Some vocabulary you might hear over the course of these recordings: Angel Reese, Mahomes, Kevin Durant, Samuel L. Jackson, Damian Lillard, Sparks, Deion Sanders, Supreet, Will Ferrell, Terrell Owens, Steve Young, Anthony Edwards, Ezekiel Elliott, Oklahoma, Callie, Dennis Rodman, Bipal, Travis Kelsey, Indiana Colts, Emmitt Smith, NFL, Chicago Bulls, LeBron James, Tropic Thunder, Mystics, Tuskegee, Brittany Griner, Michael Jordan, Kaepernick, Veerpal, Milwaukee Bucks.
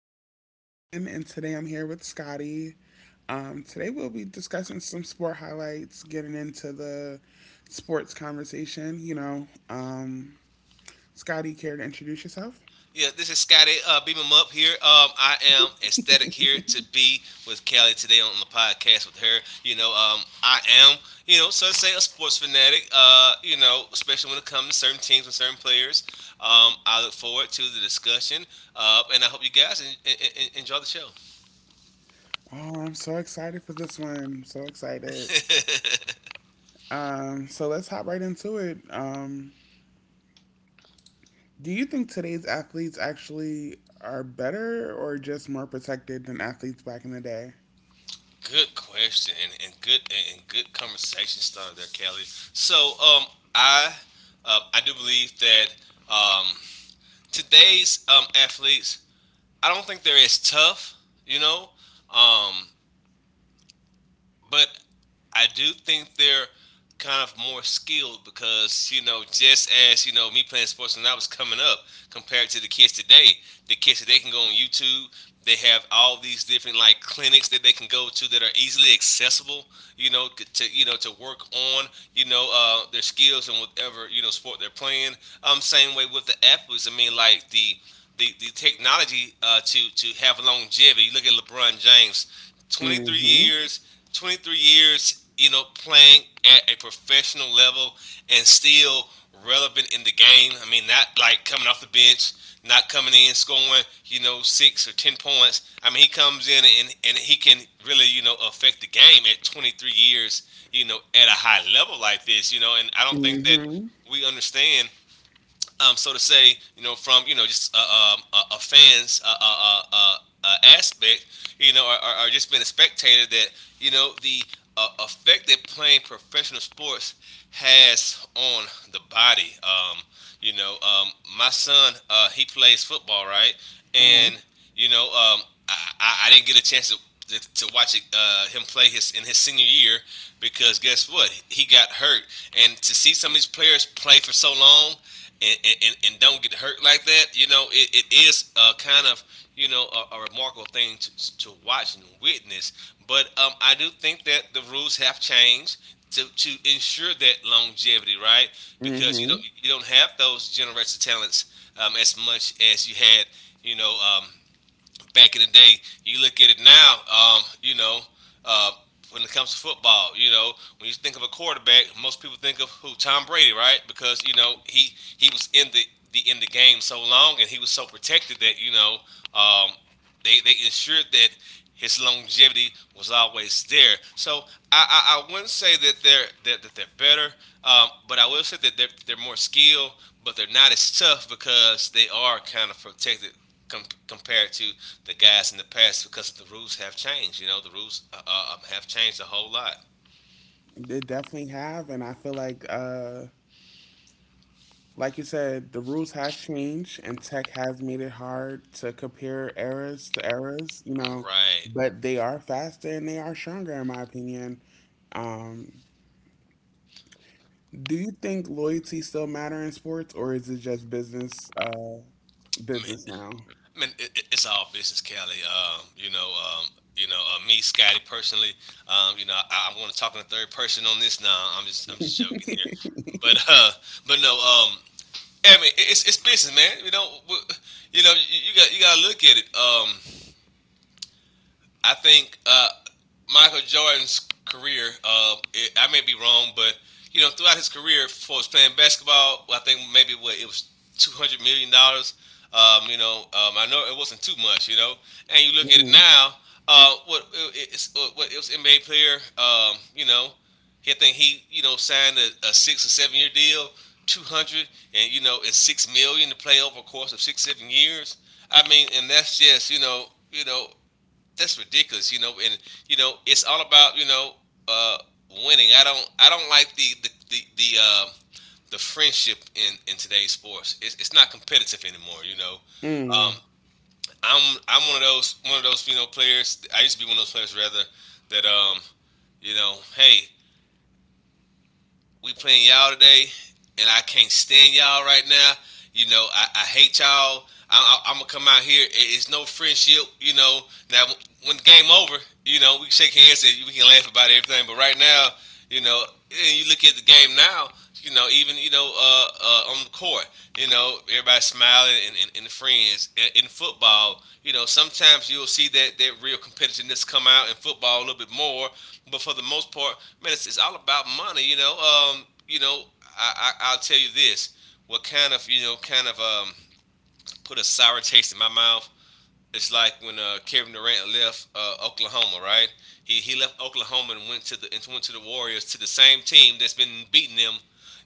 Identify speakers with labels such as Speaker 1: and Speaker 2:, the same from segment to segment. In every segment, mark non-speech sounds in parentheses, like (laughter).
Speaker 1: it's Callie again, and today I'm here with Scotty. Today we'll be discussing some sport highlights, getting into the sports conversation. Scotty, care to introduce yourself?
Speaker 2: Yeah, this is Scotty Beam 'em Up here. I am ecstatic here to be with Callie today on the podcast with her. I am, so to say a sports fanatic, especially when it comes to certain teams and certain players. I look forward to the discussion, and I hope you guys enjoy the show.
Speaker 1: Oh, I'm so excited for this one. So excited. So let's hop right into it. Do you think today's athletes actually are better or just more protected than athletes back in the day?
Speaker 2: Good question and good conversation started there, Callie. So um, I I do believe that um, today's athletes I don't think they're as tough, you know. Um, but I do think they're kind of more skilled because you know just as you know me playing sports when I was coming up compared to the kids today can go on YouTube. They have all these different like clinics that they can go to that are easily accessible. You know you know to work on you know their skills and whatever you know sport they're playing. Same way with the athletes. I mean like the the technology to have longevity. You look at LeBron James, 23
Speaker 1: Mm-hmm.
Speaker 2: years. 23 years, you know, playing at a professional level and still relevant in the game. I mean, not like coming off the bench, not coming in scoring, you know, 6 or 10 points. I mean, he comes in and he can really, you know, affect the game at 23 years, you know, at a high level like this, you know. And I don't think that
Speaker 1: Mm-hmm.
Speaker 2: we understand so to say, you know, from you know just a fan's aspect, you know, or just being a spectator, that you know the effect that playing professional sports has on the body. You know, um, my son, he plays football, right?
Speaker 1: Uh-huh.
Speaker 2: And you know, I didn't get a chance to watch him play his in his senior year because guess what? He got hurt, and to see some of these players play for so long and, and don't get hurt like that, you know, it is kind of, you know, a remarkable thing to watch and witness. But I do think that the rules have changed to ensure that longevity, right? Because you don't
Speaker 1: Hmm.
Speaker 2: you don't have those generational talents as much as you had, you know, um, back in the day. You look at it now, uh, when it comes to football, you know, when you think of a quarterback, most people think of who Tom Brady, right? Because you know he was in the game so long and he was so protected that you know um, they ensured that his longevity was always there. So I wouldn't say that that they're better, but I will say that they're more skilled, but they're not as tough because they are kind of protected compared to the guys in the past because the rules have changed. You know, the rules have changed a whole lot.
Speaker 1: They definitely have, and I feel like you said, the rules has changed, and tech has made it hard to compare eras to eras.
Speaker 2: Right.
Speaker 1: But they are faster and they are stronger, in my opinion. Um, do you think loyalty still matter in sports, or is it just business, uh,
Speaker 2: Man,
Speaker 1: business now?
Speaker 2: man, it's all business, Kelly. Me, Scotty, personally, I'm going to talk in the third person on this now. I'm just joking here, but, uh, but no, I mean, it's business, man. You know, you got to look at it. I think, Michael Jordan's career, I may be wrong, but you know, throughout his career, for his playing basketball, I think maybe what it was $200 million. I know it wasn't too much. You know, and you look at it
Speaker 1: Mm-hmm.
Speaker 2: now. What it was NBA player. You know, he I think he you know signed a 6 or 7 year deal, 200, and you know, it's 6 million to play over a course of 6 7 years. I mean, and that's just you know that's ridiculous, you know. And you know, it's all about you know uh, winning. I don't like the friendship in today's sports. It's not competitive anymore, you know. Um,
Speaker 1: Mm,
Speaker 2: I'm one of those you know players. I used to be one of those players rather that you know hey we playing y'all today, and I can't stand y'all right now. You know, I hate y'all. I'm gonna come out here. It's no friendship. You know, now when the game over, you know, we can shake hands and we can laugh about everything. But right now, you know, and you look at the game now. You know, even you know, on the court, you know, everybody smiling and friends in football. You know, sometimes you'll see that real competitiveness come out in football a little bit more but for the most part, man, it's all about money. You know, I'll tell you this: what kind of you know kind of put a sour taste in my mouth it's like when Kevin Durant left Oklahoma, right? He left Oklahoma and went to the and went to the Warriors to the same team that's been beating them,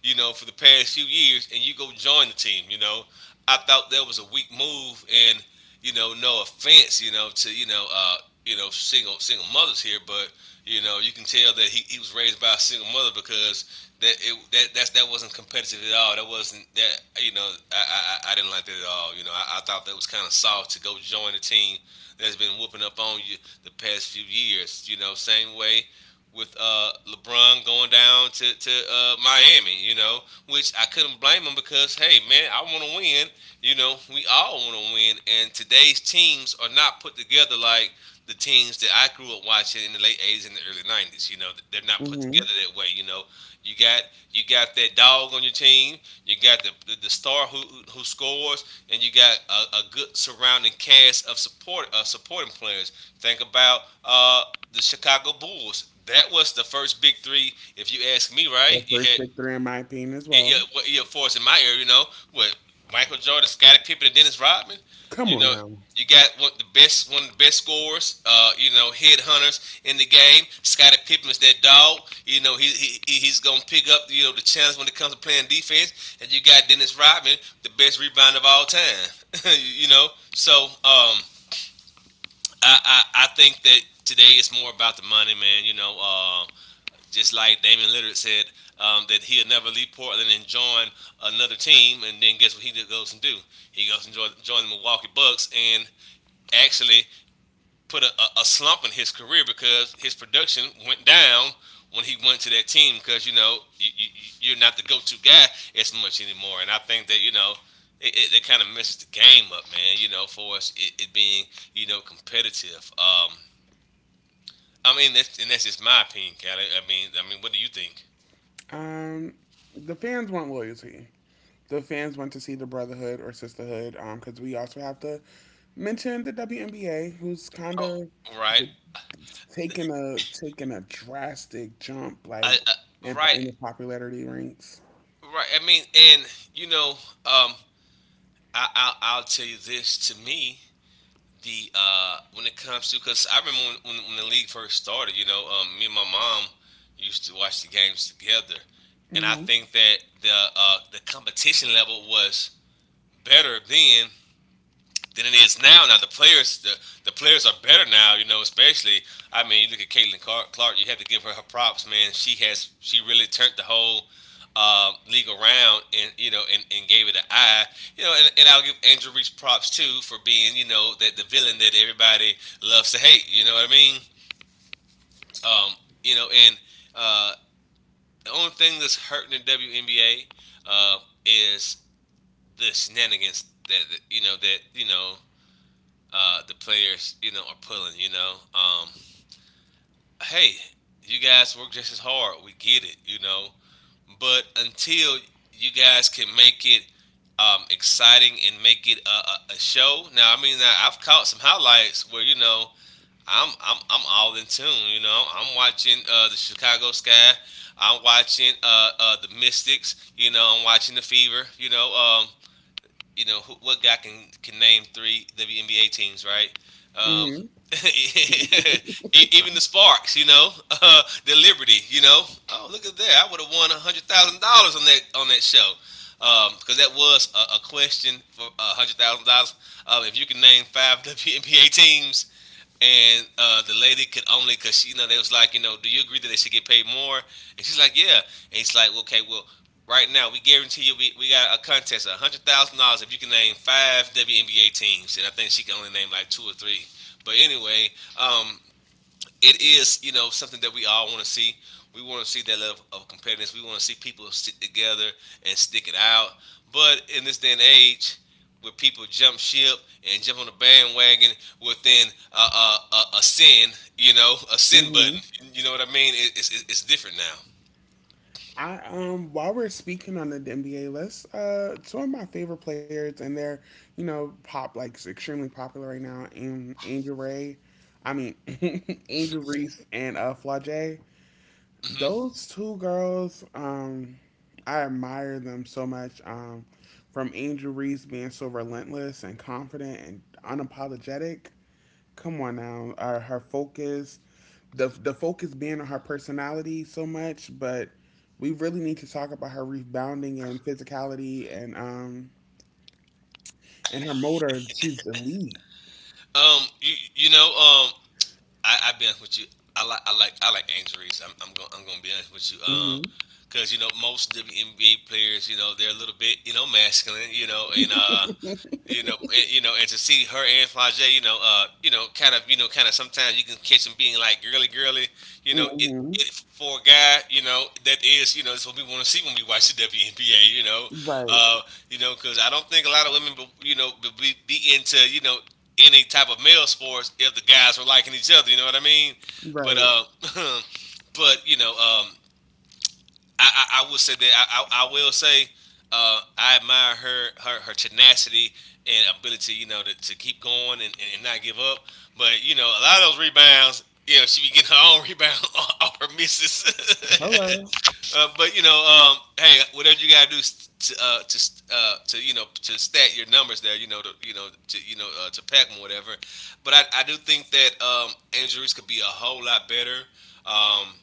Speaker 2: you know, for the past few years, and you go join the team, you know. I thought that was a weak move, and you know, no offense, you know, to you know, single mothers here, but you know, you can tell that he was raised by a single mother because that wasn't competitive at all. That wasn't that you know I didn't like that at all. You know I thought that was kind of soft to go join a team that's been whooping up on you the past few years. You know same way with LeBron going down to Miami. You know which I couldn't blame him because hey man I want to win. You know we all want to win and today's teams are not put together like the teams that I grew up watching in the late 80s and the early 90s. You know, they're not put
Speaker 1: mm-hmm.
Speaker 2: together that way. You know, you got you got that dog on your team. You got the star who scores, and you got a good surrounding cast of support supporting players. Think about the Chicago Bulls. That was the first big three, if you ask me, right?
Speaker 1: The
Speaker 2: You
Speaker 1: first
Speaker 2: had
Speaker 1: big three, in my opinion, as well.
Speaker 2: yeah, for us in my era, you know, what Michael Jordan, Scottie Pippen, and Dennis Rodman.
Speaker 1: Come
Speaker 2: You
Speaker 1: on
Speaker 2: know,
Speaker 1: now.
Speaker 2: you got one of the best, one of the best scorers. You know, head hunters in the game. Scottie Pippen is that dog. You know, he's gonna pick up you know the challenge when it comes to playing defense. And you got Dennis Rodman, the best rebounder of all time. (laughs) you, you know, so I think that today it's more about the money, man. You know, just like Damian Lillard said that he'll never leave Portland and join another team, and then guess what he goes and do? He goes and join the Milwaukee Bucks and actually put a slump in his career because his production went down when he went to that team because you know you are not the go-to guy as much anymore, and I think that you know it kind of messes the game up, man. You know, for us it being you know competitive. I mean, that's just my opinion, Callie. I mean, what do you think?
Speaker 1: Um, the fans want loyalty. The fans went to see the Brotherhood or Sisterhood, because we also have to mention the WNBA, who's kind
Speaker 2: Oh,
Speaker 1: of
Speaker 2: right.
Speaker 1: taking a taking a drastic jump
Speaker 2: I,
Speaker 1: like
Speaker 2: I,
Speaker 1: in,
Speaker 2: right.
Speaker 1: in the popularity ranks.
Speaker 2: Right. I mean, and you know, um, I'll tell you this. To me, the when it comes to because I remember when the league first started. You know, me and my mom used to watch the games together, and I
Speaker 1: Hmm.
Speaker 2: think that the competition level was better then than it is now. Now the players, the players are better now. You know, especially I mean, you look at Caitlin Clark. You have to give her her props, man. She really turned the whole league around, and you know, and gave it an eye. You know, and I'll give Angel Reese props too for being you know that the villain that everybody loves to hate. You know what I mean? Um, you know, and uh, the only thing that's hurting the WNBA uh, is the shenanigans that, that you know the players, you know, are pulling. Hey, you guys work just as hard. We get it. But until you guys can make it exciting and make it a show. Now I mean, I've caught some highlights where I'm all in tune. You know, I'm watching the Chicago Sky. I'm watching the Mystics. You know, I'm watching the Fever. What guy can name three WNBA teams, right? Um,
Speaker 1: Hmm.
Speaker 2: (laughs) Even the Sparks, you know, the Liberty, you know. Oh, look at that! I would have won $100,000 on that show, because that was a question for $100,000. If you can name five (laughs) WNBA teams. And the lady could only, cause she, you know, they was like, you know, do you agree that they should get paid more? And she's like, yeah. And he's like, okay, well, right now we guarantee you, we got a contest, $100,000 if you can name five WNBA teams. And I think she can only name like two or three. But anyway, um, it is you know something that we all want to see. We want to see that level of competitiveness. We want to see people stick together and stick it out. But in this day and age, where people jump ship and jump on the bandwagon within a sin, you know, a sin
Speaker 1: Hmm.
Speaker 2: button. You know what I mean? It's different now.
Speaker 1: I, while we're speaking on the NBA list, two of my favorite players, and they're, pop like extremely popular right now, Angel Ray. I mean, (laughs) Angel Reese and Flage.
Speaker 2: hmm
Speaker 1: Those two girls, I admire them so much. From Angel Reese being so relentless and confident and unapologetic. Come on now, her focus, the focus being on her personality so much, but we really need to talk about her rebounding and physicality and her motor. She's elite.
Speaker 2: Um, you, you know, um, I be honest with you. I like injuries. I'm gonna be honest with you.
Speaker 1: Hmm.
Speaker 2: Because you know most WNBA players, you know, they're a little bit you know masculine, you know, and to see her and Flage, you know, kind of, you know, kind of sometimes you can catch them being like girly, girly, you know,
Speaker 1: Hmm. (laughs)
Speaker 2: it for a guy, you know, that is, you know, it's what we want to see when we watch the WNBA,
Speaker 1: Right.
Speaker 2: uh, you know, because I don't think a lot of women, be into, you know, any type of male sports if the guys were liking each other, you know what I mean? But,
Speaker 1: Right.
Speaker 2: (laughs) but you know, I will say that I will say I admire her her tenacity and ability, you know, to keep going and not give up. But you know, a lot of those rebounds, you know, she be getting her own rebound (laughs) off her misses.
Speaker 1: Hello.
Speaker 2: (laughs) uh, but you know, um, Hey, whatever you gotta do to to you know to stat your numbers there, you know, to pack them whatever. But I do think that Andrews could be a whole lot better. Um,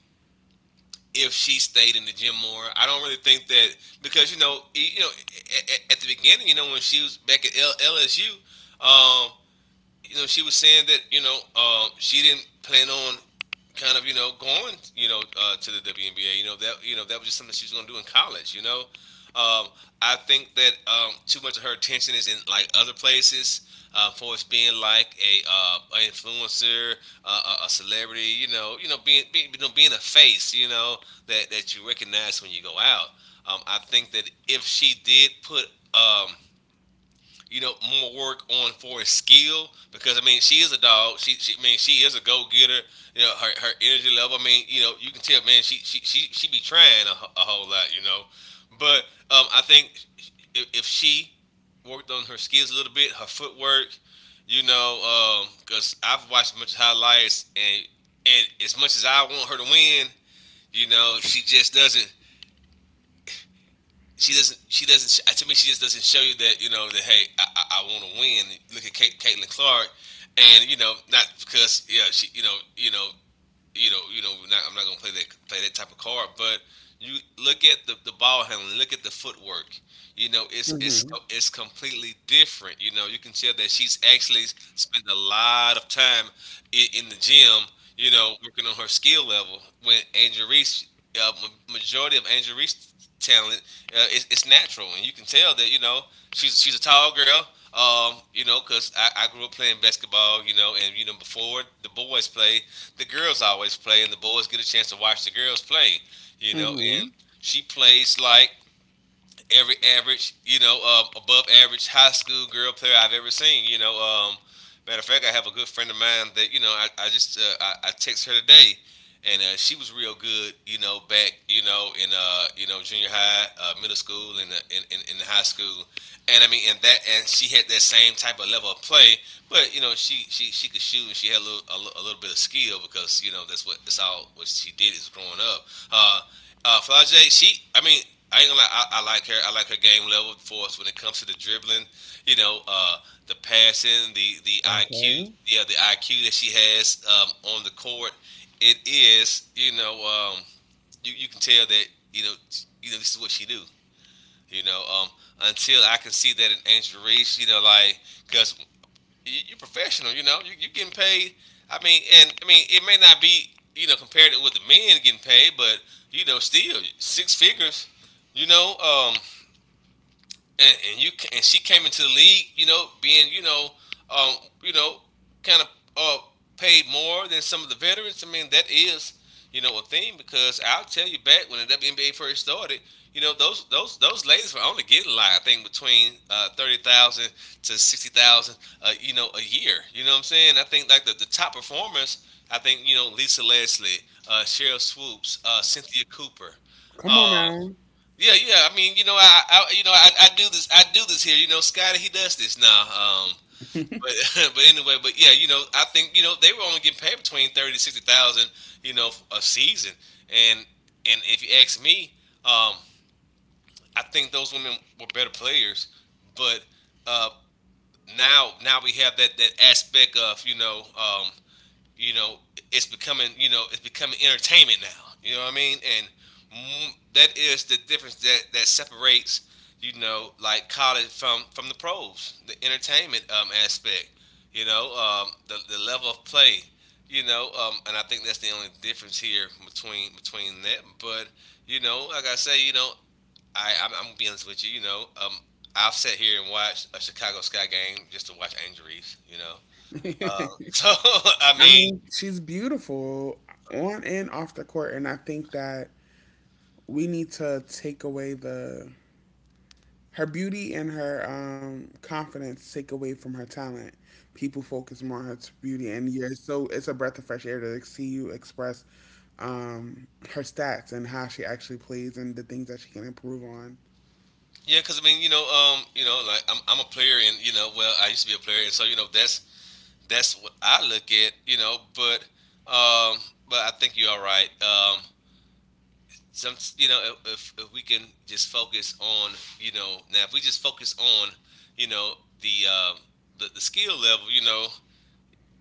Speaker 2: if she stayed in the gym more. I don't really think that because you know, e, you know, at the beginning, you know, when she was back at LSU, um, you know, she was saying that you know she didn't plan on kind of you know going you know to the WNBA. You know that was just something she was going to do in college. Um, I think that too much of her attention is in like other places. For us being like a influencer, a celebrity, you know, being you know being a face, you know, that you recognize when you go out. I think that if she did put um, you know, more work on for his skill because I mean she is a dog. She I mean she is a go getter. You know her energy level. I mean you know you can tell man she be trying a whole lot. You know, but I think if she worked on her skills a little bit, her footwork, you know, because I've watched a bunch of highlights and as much as I want her to win, you know, she just doesn't she doesn't. She doesn't. To me, she just doesn't show you that you know that hey, I want to win. Look at Kate, Caitlin Clark, and you know not because yeah she you know, we're not, I'm not gonna play that type of card. But you look at the ball handling, look at the footwork. You know,
Speaker 1: Hmm.
Speaker 2: it's completely different. You know, you can tell that she's actually spent a lot of time in the gym. You know, working on her skill level. When Angel Reese, majority of Angel Reese talent, it's natural, and you can tell that. You know, she's a tall girl. You know, cause I grew up playing basketball, you know, and you know before the boys play, the girls always play, and the boys get a chance to watch the girls play. You know, and
Speaker 1: Hmm.
Speaker 2: she plays like every average, you know, above average high school girl player I've ever seen. You know, matter of fact, I have a good friend of mine that you know I text her today, and she was real good. You know, back you know in you know junior high, middle school, and in high school, and I mean and that and she had that same type of level of play, but you know she could shoot and she had a little a little bit of skill because you know that's what that's all what she did is growing up. Uh, Flage, she, I mean, I ain't gonna lie, I like her. I like her game level for us when it comes to the dribbling, you know, the passing, the IQ,
Speaker 1: Okay.
Speaker 2: yeah, the IQ that she has on the court. It is, you know, you, you can tell that, you know, you know, this is what she do. You know, until I can see that in Angel Reese, you know, like because you- are professional. You know, you getting paid. I mean, and I mean, it may not be you know compared to what the men getting paid, but you know, still six figures. You know, and you and she came into the league, you know, being um, you know, kind of uh, paid more than some of the veterans. I mean, that is you know a thing because I'll tell you back when the WNBA first started, you know, those ladies were only getting like I think between 30,000 to 60,000, you know, a year. You know what I'm saying? I think like the top performers, I think you know Lisa Leslie, Cheryl Swoops, Cynthia Cooper.
Speaker 1: Come
Speaker 2: Uh,
Speaker 1: on now.
Speaker 2: yeah, yeah. I mean, you know, I do this here. You know, Scotty, he does this now.
Speaker 1: (laughs)
Speaker 2: But (laughs) but anyway, but yeah, you know, I think you know they were only getting paid between 30 to 60,000, you know, a season. And if you ask me, um, I think those women were better players. But uh, now now we have that aspect of you know, it's becoming, you know, it's becoming entertainment now. You know what I mean? And mm, that is the difference that that separates, you know, like college from the pros, the entertainment aspect. You know, the level of play. You know, and I think that's the only difference here between between that. But you know, like I say, you know, I'm gonna be honest with you. You know, I've sat here and watched a Chicago Sky game just to watch Angel Reese. You know, so (laughs) I
Speaker 1: I
Speaker 2: mean,
Speaker 1: mean, she's beautiful on and off the court, and I think that we need to take away the her beauty and her confidence take away from her talent. People focus more on her beauty, and you're so it's a breath of fresh air to see you express her stats and how she actually plays and the things that she can improve on.
Speaker 2: yeah, because I mean, you know, like I'm a player, and you know, well, I used to be a player, and so you know, that's what I look at, you know. Um, but I think you're all right. If we can just focus on, now if we just focus on, you know, the the skill level,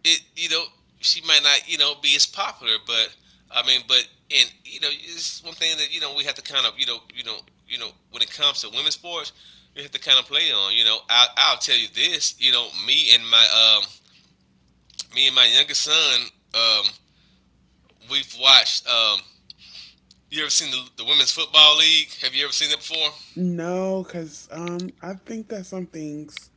Speaker 2: it you know she might not be as popular, but I mean, but and you know it's one thing that we have to kind of when it comes to women's sports, we have to kind of play on. You know, I'll tell you this. Me and my youngest son um we've watched. You ever seen the women's football league? Have you ever seen that before?
Speaker 1: No, because I think that some things.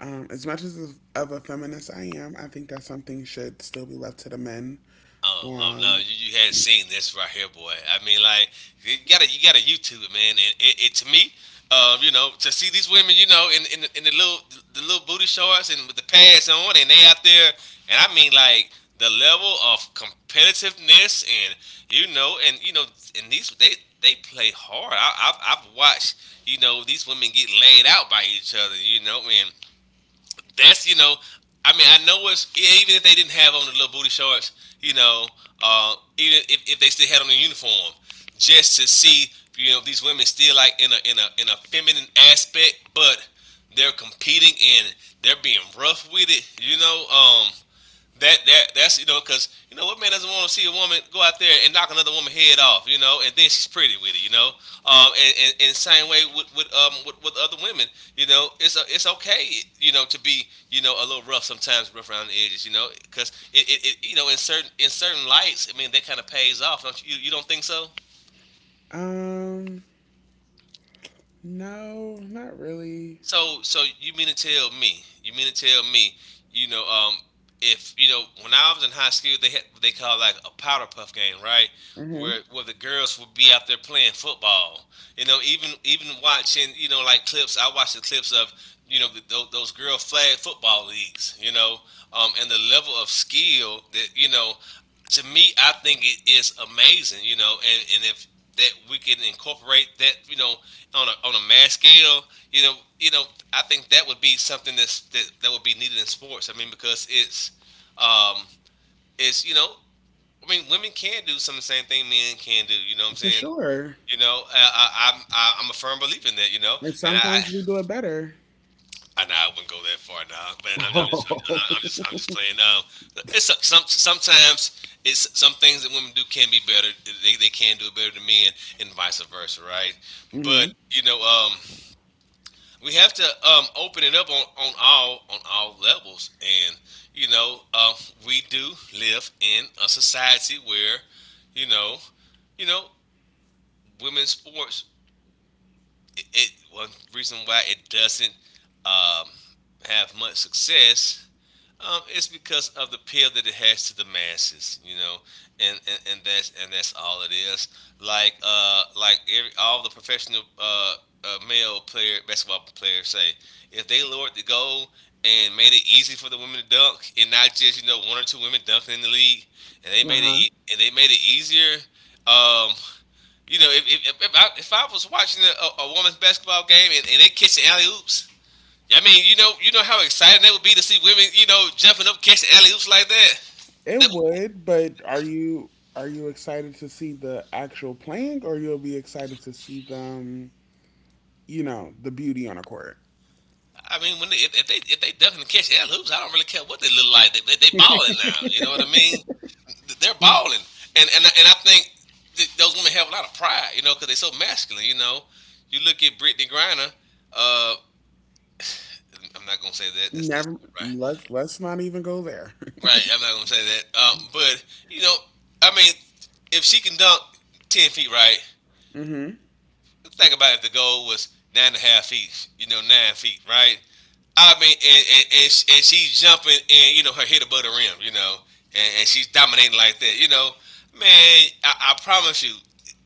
Speaker 1: As much as of a feminist I am, I think that something should still be left to the men.
Speaker 2: Oh, oh no!
Speaker 1: Um,
Speaker 2: You hadn't seen this right here, boy. I mean, like you gotta YouTube it, man. And it to me, you know, to see these women, you know, in the little booty shorts and with the pads on, and they out there, and I mean, like the level of competitiveness, and you know, and you know, and these they play hard. I've watched, you know, these women get laid out by each other, you know, and that's you know, I mean, I know it's even if they didn't have on the little booty shorts, you know, even if they still had on the uniform, just to see you know these women still like in a feminine aspect, but they're competing and they're being rough with it. You know, that's you know because you know what man doesn't want to see a woman go out there and knock another woman head off, you know, and then she's pretty with it, you know. And same way with with other women. You know, it's okay, you know, to be, you know, a little rough sometimes, rough around the edges, you know, because it you know in certain lights, I mean, that kind of pays off. Don't you don't think so?
Speaker 1: um, no, not really.
Speaker 2: So you mean to tell me? You mean to tell me? You know, if you know, when I was in high school, they had what they call like a powder puff game, right?
Speaker 1: Hmm.
Speaker 2: Where the girls would be out there playing football. You know, even watching, you know, like clips. I watched the clips of you know those girl flag football leagues. You know, and the level of skill that you know to me, I think it is amazing, you know, and if that we can incorporate that, you know, on a mass scale, you know, you know, I think that would be something that would be needed in sports. I mean, because it's um it's you know, I mean, women can do some of the same thing men can do. You know what I'm
Speaker 1: For
Speaker 2: saying?
Speaker 1: sure.
Speaker 2: You know, I'm a firm believer in that. You know,
Speaker 1: And
Speaker 2: and
Speaker 1: sometimes we do it better. (laughs)
Speaker 2: I know I wouldn't go that far now, man. I'm just
Speaker 1: Oh.
Speaker 2: playing. Some sometimes it's some things that women do can be better. They can do it better than men, and vice versa, right? But
Speaker 1: Hmm.
Speaker 2: you know, we have to open it up on on all levels, and you know, we do live in a society where, you know, you know, women's sports. It one reason why it doesn't um have much success. It's because of the appeal that it has to the masses, you know, and that's all it is. Like all the professional male player basketball players say, if they lowered the goal and made it easy for the women to dunk, and not just you know one or two women dunking in the league,
Speaker 1: Uh-huh.
Speaker 2: and they made it easier. Um, you know, if I was watching a woman's basketball game and they catching alley oops, I mean, you know how exciting that would be to see women, you know, jumping up, catching alley oops like that.
Speaker 1: It
Speaker 2: That would,
Speaker 1: would, but are you excited to see the actual playing, or you'll be excited to see them? The beauty on a court.
Speaker 2: I mean, when they, if they definitely catch alley oops, I don't really care what they look like. They balling now. You know what I mean? They're balling, and I think those women have a lot of pride, you know, because they're so masculine. You know, you look at Brittany Griner. Uh, I'm not gonna say that. That's
Speaker 1: Never.
Speaker 2: not right.
Speaker 1: Let's not even go there.
Speaker 2: Right. I'm not gonna say that. But you know, I mean, if she can dunk 10 feet, right,
Speaker 1: (laughs) Hmm.
Speaker 2: think about it, if the goal was 9.5 feet, you know, 9 feet, right? I mean, and she's jumping and, you know, her head above the rim, you know, and she's dominating like that, you know. Man, I promise you,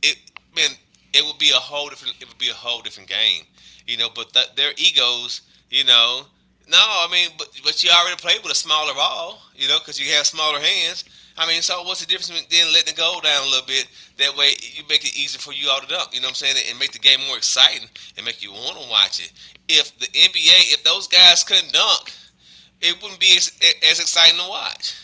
Speaker 2: it man, it would be a whole different game, you know. But their egos, you know, no, I mean, but you already played with a smaller ball, you know, because you have smaller hands. I mean, so what's the difference between then letting it go down a little bit? That way, you make it easier for you all to dunk. You know what I'm saying? And make the game more exciting and make you want to watch it. If the NBA, if those guys couldn't dunk, it wouldn't be as exciting to watch.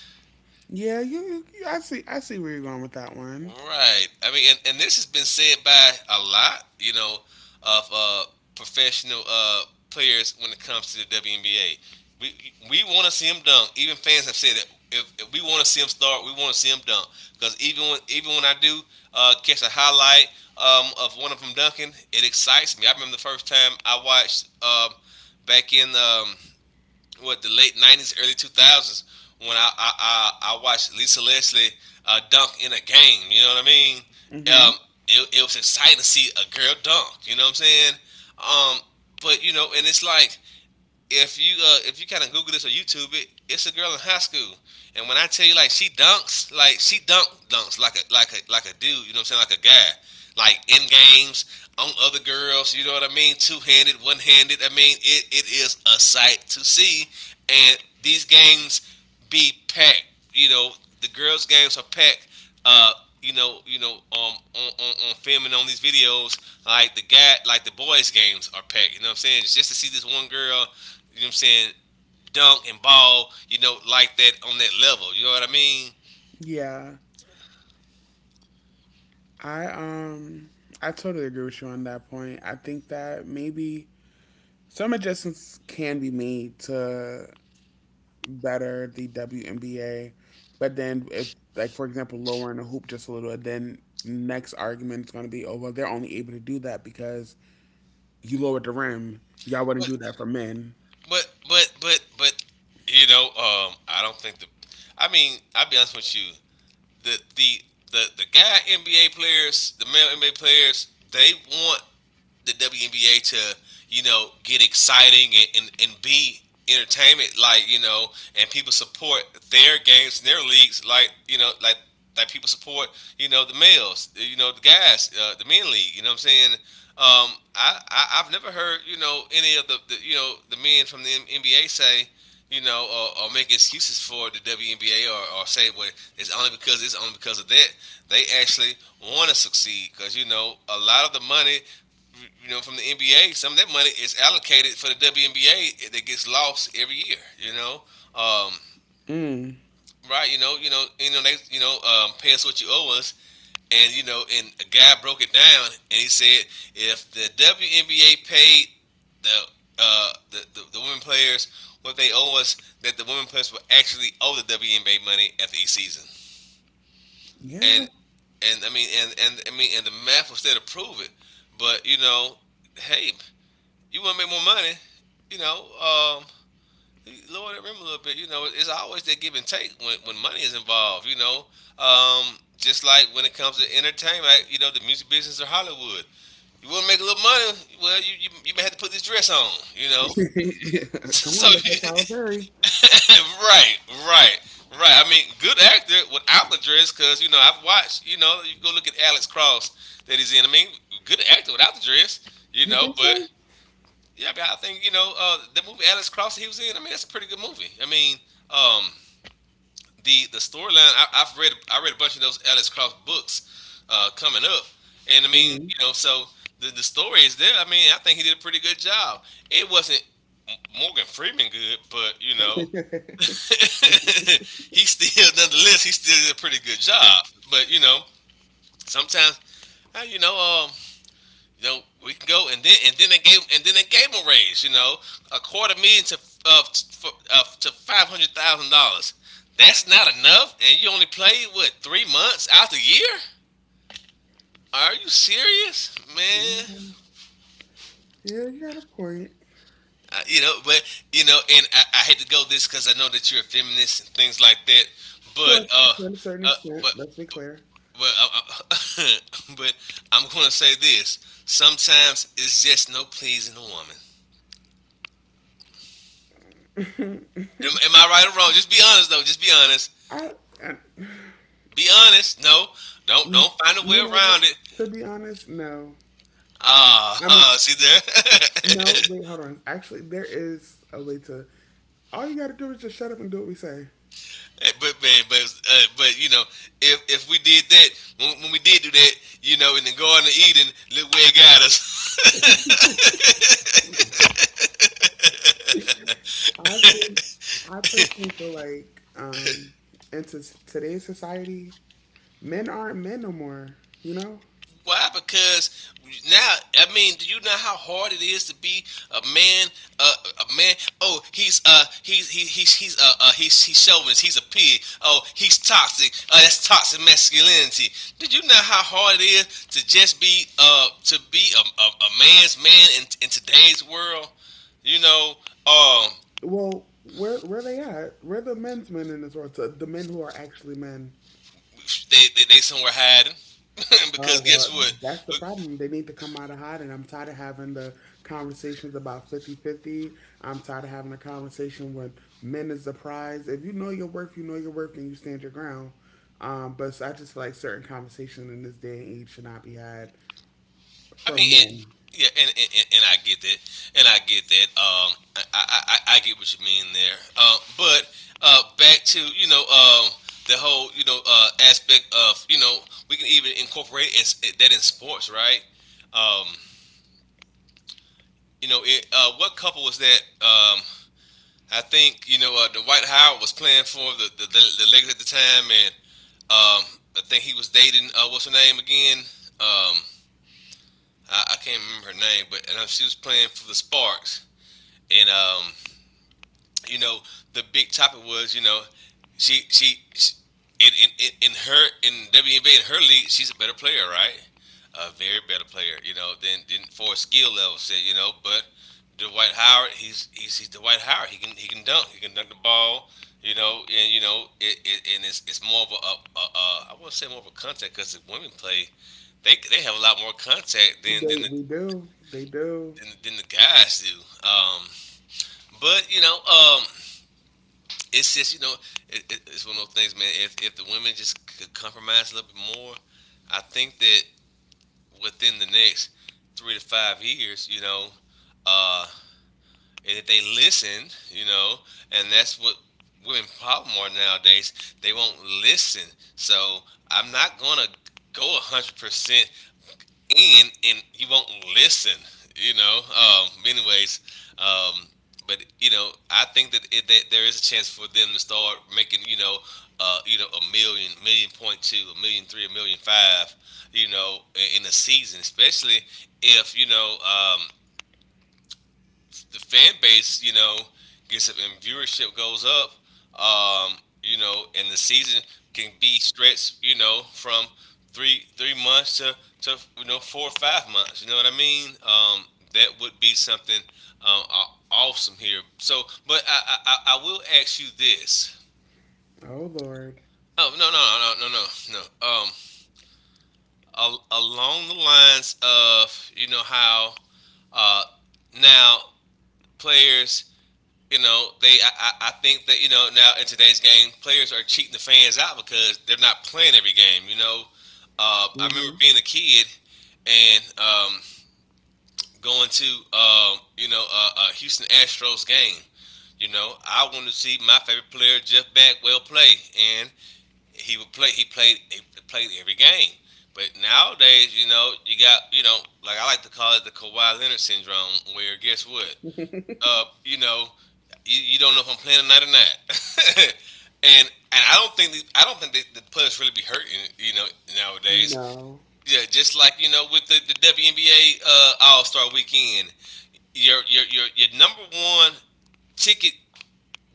Speaker 1: Yeah, you I see where you're going with that one.
Speaker 2: Right. I mean, and this has been said by a lot, you know, of professional players when it comes to the WNBA. We we want to see him dunk. Even fans have said that if we want to see him start, we want to see him dunk. Because even when I do catch a highlight of one of them dunking, it excites me. I remember the first time I watched back in what the late '90s, early 2000s when I watched Lisa Leslie dunk in a game. You know what I mean?
Speaker 1: Hmm.
Speaker 2: Um, it, it was exciting to see a girl dunk. You know what I'm saying? Um, but you know, and it's like if you kind of Google this or YouTube it, it's a girl in high school. And when I tell you like she dunks, like she dunk dunks like a like a like a dude, you know what I'm saying, like a guy, like in games on other girls, you know what I mean, two handed, one handed. I mean, it is a sight to see, and these games be packed. You know, the girls' games are packed uh, you know, you know, um, on, filming on these videos, like the boys' games are packed. You know what I'm saying? It's just to see this one girl, you know what I'm saying, dunk and ball, you know, like that on that level. You know what I mean?
Speaker 1: Yeah. I um I totally agree with you on that point. I think that maybe some adjustments can be made to better the WNBA, but then if like for example lowering the hoop just a little, then next argument is going to be, oh well, they're only able to do that because you lowered the rim. Y'all wouldn't
Speaker 2: But
Speaker 1: do that for men.
Speaker 2: but you know, I don't think the. I mean, I'll be honest with you. The the the guy NBA players, the male NBA players, they want the WNBA to you know get exciting and, and be entertainment like you know and people support their games and their leagues like you know like people support you know the males you know the guys the men league you know what I'm saying. Um, I, I've never heard you know any of the you know the men from the NBA say you know, or make excuses for the WNBA or say, well, it's only because of that. They actually want to succeed because, you know, a lot of the money you- know, from the NBA, some of that money is allocated for the WNBA that gets lost every year. You know, um,
Speaker 1: Mm.
Speaker 2: right? You know, you know, you know, they, you know, pay us what you owe us. And you know, and a guy broke it down, and he said, if the WNBA paid the the women players what they owe us, that the women players will actually owe the WNBA money after each season.
Speaker 1: Yeah.
Speaker 2: And and I mean, and the math was there to prove it. But you know, hey, you want to make more money, you know, lower that rim a little bit. You know, it's always that give and take when money is involved. You know, just like when it comes to entertainment, like, you know, the music business or Hollywood. You want to make a little money. Well, you may have to put this dress on. You know. (laughs)
Speaker 1: (laughs) Come
Speaker 2: So (laughs)
Speaker 1: on, look at Tyler Perry.
Speaker 2: right, right. Right, I mean, good actor without the dress, because you know I've watched. You know, you go look at Alex Cross that he's in. I mean, good actor without the dress. You
Speaker 1: You
Speaker 2: know,
Speaker 1: think
Speaker 2: but
Speaker 1: so?
Speaker 2: yeah, but I think the movie Alice Cross he was in. I mean, that's a pretty good movie. I mean, um, the storyline. I read a bunch of those Alice Cross books coming up, and I mean, you know, so the story is there. I mean, I think he did a pretty good job. It wasn't Morgan Freeman good, but you know, (laughs) he still, nonetheless, he still did a pretty good job. But you know, sometimes uh, you know, um, you know, we can go, and then they gave, him a raise. You know, a quarter million uh, to $500,000. That's not enough, and you only played what, 3 months out the year? Are you serious,
Speaker 1: Yeah,
Speaker 2: man?
Speaker 1: yeah, you got a point.
Speaker 2: You know, but you know, and I hate to go this because I know that you're a feminist and things like that,
Speaker 1: To
Speaker 2: but
Speaker 1: a, to a certain
Speaker 2: uh
Speaker 1: extent,
Speaker 2: but
Speaker 1: let's be clear.
Speaker 2: but uh, (laughs) but I'm gonna say this: sometimes it's just no pleasing a woman.
Speaker 1: (laughs)
Speaker 2: Am I right or wrong? Just be honest, though. Just be honest.
Speaker 1: I, I,
Speaker 2: Be honest. No, don't
Speaker 1: you
Speaker 2: don't find a way
Speaker 1: know what?
Speaker 2: around it.
Speaker 1: To be honest, no.
Speaker 2: Ah, (laughs)
Speaker 1: I mean,
Speaker 2: ah, see there. (laughs)
Speaker 1: no. Wait, hold on. Actually, there is a way to. All you got to do is just shut up and do what we say.
Speaker 2: But man, but you know, if we did that, when we did do that, you know, in the Garden of Eden, look where it got us. (laughs)
Speaker 1: I think. I personally feel like, into today's society, men aren't men no more. You know.
Speaker 2: Why? Because now, I mean, do you know how hard it is to be a man? Uh, a man. Oh, he's chauvinist. He's a pig. Oh, he's toxic. That's toxic masculinity. Did you know how hard it is to just be to be a man's man in today's world? You know, um,
Speaker 1: Well, where they at? Where the men's men in this world? So the men who are actually men.
Speaker 2: they somewhere hiding (laughs)
Speaker 1: Oh,
Speaker 2: because guess
Speaker 1: well,
Speaker 2: what?
Speaker 1: that's the problem. They need to come out of hiding. I'm tired of having the conversations about 50/50. I'm tired of having a conversation with men is the prize. If you know your worth, you know your worth and you stand your ground. But so I just feel like certain conversations in this day and age should not be had
Speaker 2: I mean,
Speaker 1: from
Speaker 2: it,
Speaker 1: men.
Speaker 2: yeah, and I get that, and I get that. I get what you mean there. But back to you know the whole you know aspect of you know we can even incorporate in, that in sports, right? Um, you know, it, what couple was that? I think you know Dwight Howard was playing for the Lakers at the time, and um, I think he was dating what's her name again? Um, I can't remember her name, but and she was playing for the Sparks. And you know, the big topic was, you know, she, in her, in WNBA, in her league, she's a better player, right? A very better player, you know, than for a skill level, say, you know, but. Dwight Howard, he's Dwight Howard. He can, dunk. He can dunk the ball. You know, and you know, it, and it's more of a, I won't say more of a contact, because the women play, they have a lot more contact than
Speaker 1: They,
Speaker 2: the,
Speaker 1: we do. They do.
Speaker 2: than the guys do. But you know, it's just you know it's one of those things, man. If the women just could compromise a little bit more, I think that within the next 3 to 5 years, you know, uh, and if they listen, you know, and that's what women problem are nowadays. They won't listen. So I'm not gonna go 100% in, and you won't listen. You know. Anyways, um, but you know, I think that, that there is a chance for them to start making, you know, a million, million point two, a million three, a million five. You know, in a season, especially if you know the fan base, you know, gets up and viewership goes up, um, you know, and the season can be stretched, you know, from three months to you know 4 or 5 months. You know what I mean? That would be something awesome here. So, but I will ask you this.
Speaker 1: Oh, Lord.
Speaker 2: Oh, no, no, no, no, no, no. No. A- along the lines of you know how uh now players, you know, they, think that you know now in today's game, players are cheating the fans out because they're not playing every game. You know, I remember
Speaker 1: Hmm.
Speaker 2: being a kid and going to you know a Houston Astros game. You know, I wanted to see my favorite player Jeff Bagwell play, and he would play. He played. He played every game. But nowadays, you know, you got you know, like I like to call it the Kawhi Leonard syndrome, where guess what?
Speaker 1: (laughs)
Speaker 2: You know, you don't know if I'm playing tonight or not. (laughs) And I don't think the, I don't think that the players really be hurting, you know, nowadays.
Speaker 1: No.
Speaker 2: Yeah, just like you know with the WNBA All Star Weekend, your number one ticket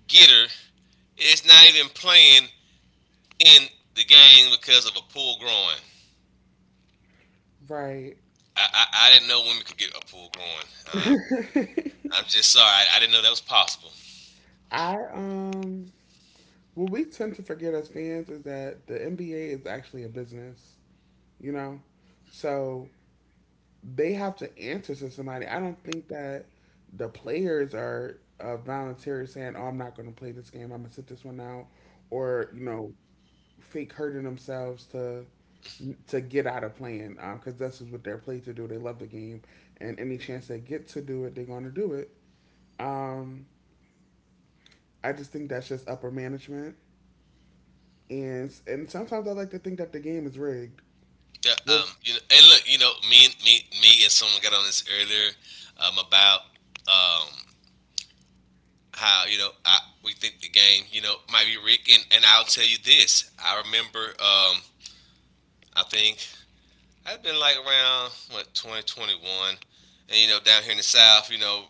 Speaker 2: getter is not even playing in the game because of a pulled groin.
Speaker 1: Right.
Speaker 2: I didn't know women could get a pulled groin.
Speaker 1: (laughs)
Speaker 2: I'm just sorry. I didn't know that was possible.
Speaker 1: I, um, What we tend to forget as fans is that the NBA is actually a business, you know? So they have to answer to somebody. I don't think that the players are volunteering saying, oh, I'm not going to play this game. I'm going to sit this one out. Or, fake hurting themselves to get out of playing because that's what they're played to do. They love the game. And any chance they get to do it, they're going to do it. Um, I just think that's just upper management. And sometimes I like to think that the game is rigged.
Speaker 2: Yeah, you know, and look, you know, me and someone got on this earlier, about um, how you know we think the game, you know, might be rigged, and I'll tell you this: I remember, I think I've been like around what, 2021, and you know down here in the South, you know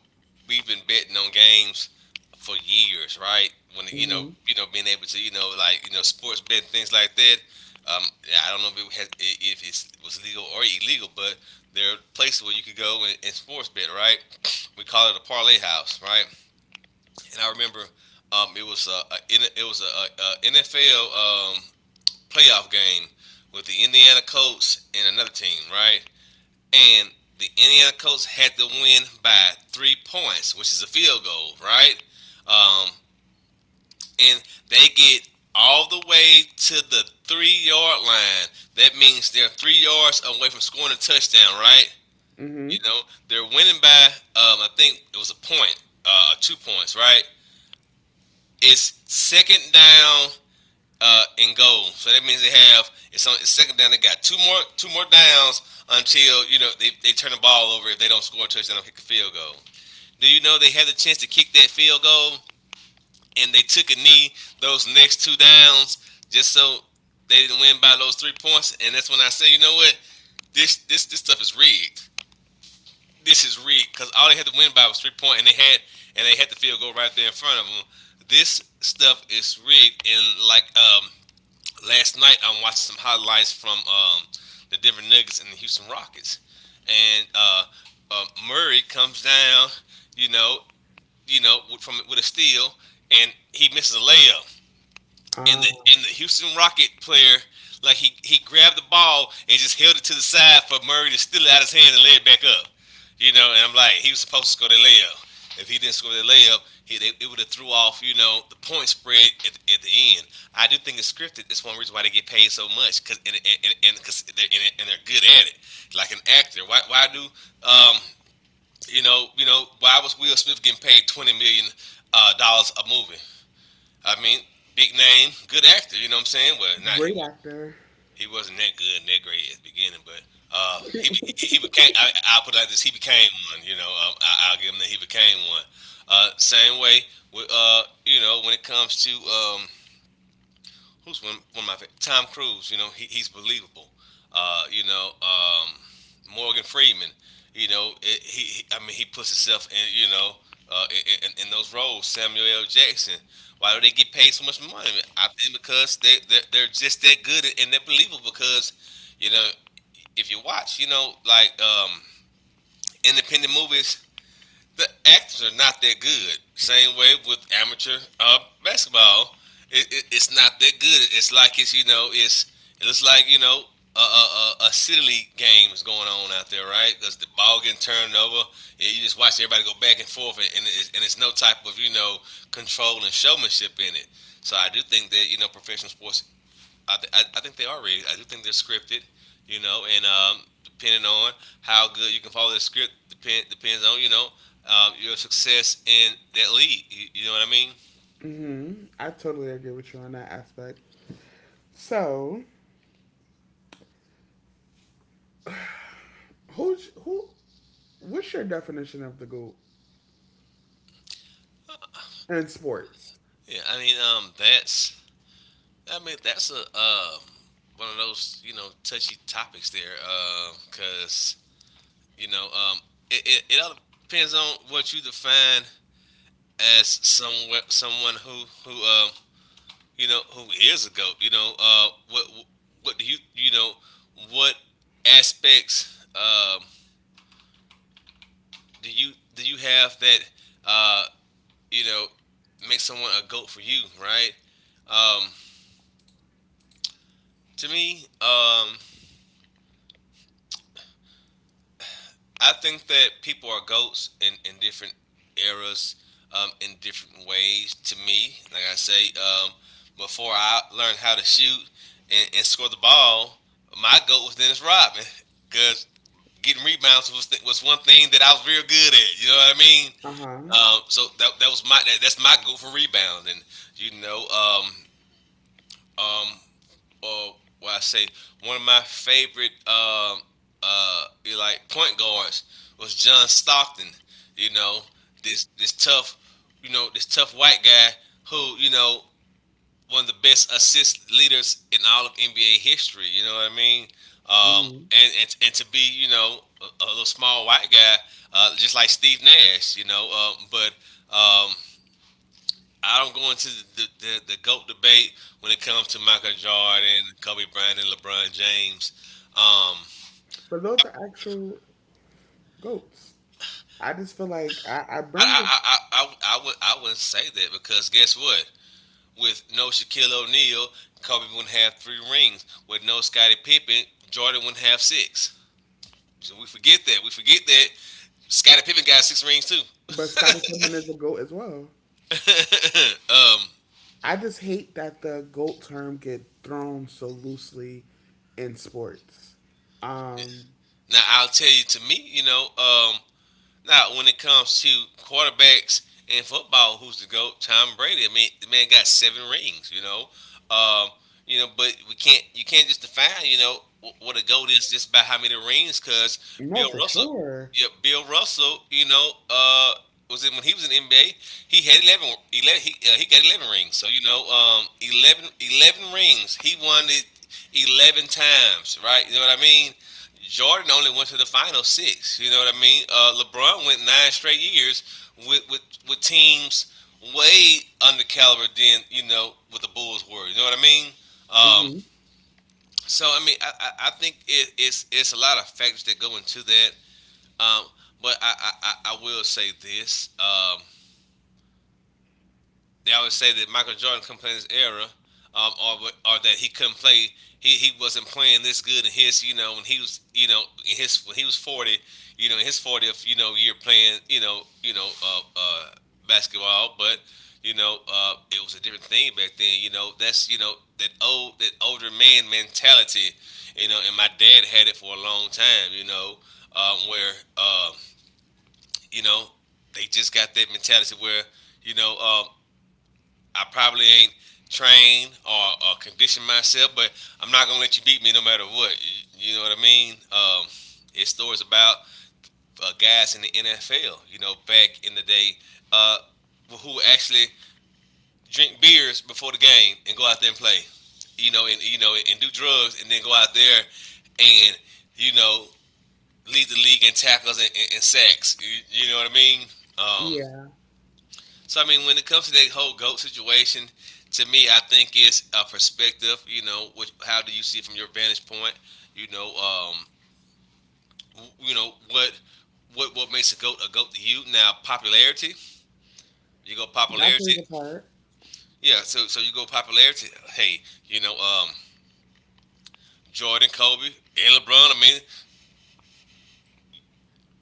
Speaker 2: we've been betting on games for years, right? When
Speaker 1: Hmm.
Speaker 2: you know being able to you know like you know sports bet things like that. Yeah, I don't know if it, has, if it was legal or illegal, but there are places where you could go and sports bet, right? (sniffs) We call it a parlay house, right? And I remember it was a NFL um, playoff game with the Indiana Colts and another team, right? And the Indiana Colts had to win by 3 points, which is a field goal, right? Um, and they get all the way to the 3 yard line. That means they're 3 yards away from scoring a touchdown, right?
Speaker 1: Hmm.
Speaker 2: You know, they're winning by, I think it was a point, 2 points, right? It's second down, in goal. So that means they have, it's on, it's second down. They got two more, downs until you know they turn the ball over if they don't score a touchdown, not kick a field goal. Do you know they had the chance to kick that field goal, and they took a knee those next two downs just so they didn't win by those 3 points? And that's when I say, you know what, this stuff is rigged. This is rigged because all they had to win by was 3 point, points, and they had, the field goal right there in front of them. This stuff is rigged. And like last night I'm watching some highlights from the Denver Nuggets and the Houston Rockets, and Murray comes down, you know, you know, with- from with a steal, and he misses a layup, and
Speaker 1: Ah,
Speaker 2: the Houston Rocket player, like he grabbed the ball and just held it to the side for Murray to steal it out of his hand and lay it back up. You know, and I'm like, he was supposed to score that layup. If he didn't score that layup, it would have threw off, you know, the point spread at the end. I do think it's scripted. It's one reason why they get paid so much, cause, cause they're, and they're good at it. Like an actor. Why do um you know why was Will Smith getting paid 20 million dollars, a movie? I mean, big name, good actor. You know what I'm saying? Well, not, he
Speaker 1: great actor.
Speaker 2: he wasn't that good and that great at the beginning, but he became. I'll put it like this: he became one. You know, I'll give him that he became one. Same way with you know, when it comes to who's one, one of my favorite? Tom Cruise. You know, he, he's believable. Morgan Freeman. You know, it, he, he. I mean, he puts himself in in those roles. Samuel L. Jackson. Why do they get paid so much money? I think because they're just that good and they're believable. Because you know, if you watch, independent movies, the actors are not that good. Same way with amateur basketball, it's not that good. It's like it's you know it's it looks like you know a city league game is going on out there, right? Because the ball getting turned over, yeah, you just watch everybody go back and forth, and and it's no type of control and showmanship in it. So I do think that professional sports I think they are rigged. I do think they're scripted, you know, and depending on how good you can follow the script, depends on, your success in that league. You know what I mean?
Speaker 1: Hmm. I totally agree with you on that aspect. So, who's who? What's your definition of the goat in sports?
Speaker 2: Yeah, I mean, I mean, that's one of those, you know, touchy topics there, because, you know, um, it all depends on what you define as someone who, you know, who is a goat. You know, what do you you know what aspects do you have that uh, you know make someone a goat for you, right? Um, to me, I think that people are goats in different eras, in different ways. To me, like I say, before I learned how to shoot and score the ball, my goat was Dennis Rodman because getting rebounds was was one thing that I was real good at. You know what I mean?
Speaker 1: Uh huh.
Speaker 2: That's my goal for rebounds, and you know, um, um, or what I say, one of my favorite uh, like point guards was John Stockton. You know, this tough, you know, this tough white guy who one of the best assist leaders in all of NBA history. You know what I mean? Um,
Speaker 1: Hmm.
Speaker 2: and to be a little small white guy, just like Steve Nash. You know, but um, I don't go into the goat debate when it comes to Michael Jordan, Kobe Bryant, and LeBron James. Um,
Speaker 1: But those are actual goats. I just feel like I bring this,
Speaker 2: I would I wouldn't say that because guess what? With no Shaquille O'Neal, Kobe wouldn't have 3 rings. With no Scottie Pippen, Jordan wouldn't have 6. So we forget that. We forget that Scottie Pippen got 6 rings too.
Speaker 1: but Scotty Pippen is a goat as well.
Speaker 2: (laughs) um,
Speaker 1: I just hate that the goat term get thrown so loosely in sports. Um,
Speaker 2: Now I'll tell you. To me, now, when it comes to quarterbacks in football, who's the goat? Tom Brady. I mean, the man got 7 rings. Um, you know, but we can't. You can't just define. You know, what a goat is just by how many rings. Because
Speaker 1: no,
Speaker 2: Bill
Speaker 1: for
Speaker 2: Russell,
Speaker 1: sure.
Speaker 2: yeah, Bill Russell. Was it when he was in the NBA? He had 11, 11, he got 11 rings. So you know, 11, eleven rings. He won it 11 times. Right? You know what I mean? Jordan only went to the final 6. You know what I mean? LeBron went 9 straight years with with with teams way under caliber than what the Bulls were. You know what I mean? Um, I mean, think it's a lot of factors that go into that. Um, but I, I will say this: they always say that Michael Jordan couldn't play in this era, um, or or that he couldn't play. He wasn't playing this good in his when he was you know in his when he was 40, in his fortieth, year playing, basketball, but it was a different thing back then. You know, that's that old, that older man mentality. You know, and my dad had it for a long time. You know, where uh, you know they just got that mentality where you know um, I probably ain't trained or conditioned myself, but I'm not gonna let you beat me no matter what. You know what I mean? It's stories about guys in the NFL. You know, back in the day, uh, who actually drink beers before the game and go out there and play. You know, and and do drugs and then go out there and you know lead the league in tackles and sacks. You know what I mean? Um,
Speaker 1: Yeah,
Speaker 2: I mean, when it comes to that whole goat situation, to me, I think it's a perspective. You know, how do you see it from your vantage point? You know, um, w- you know what what makes a goat to you? Now, popularity. You go
Speaker 1: that plays a
Speaker 2: popularity.
Speaker 1: part.
Speaker 2: Yeah. So you go popularity. Hey, you know, um, Jordan, Kobe, and LeBron. I mean,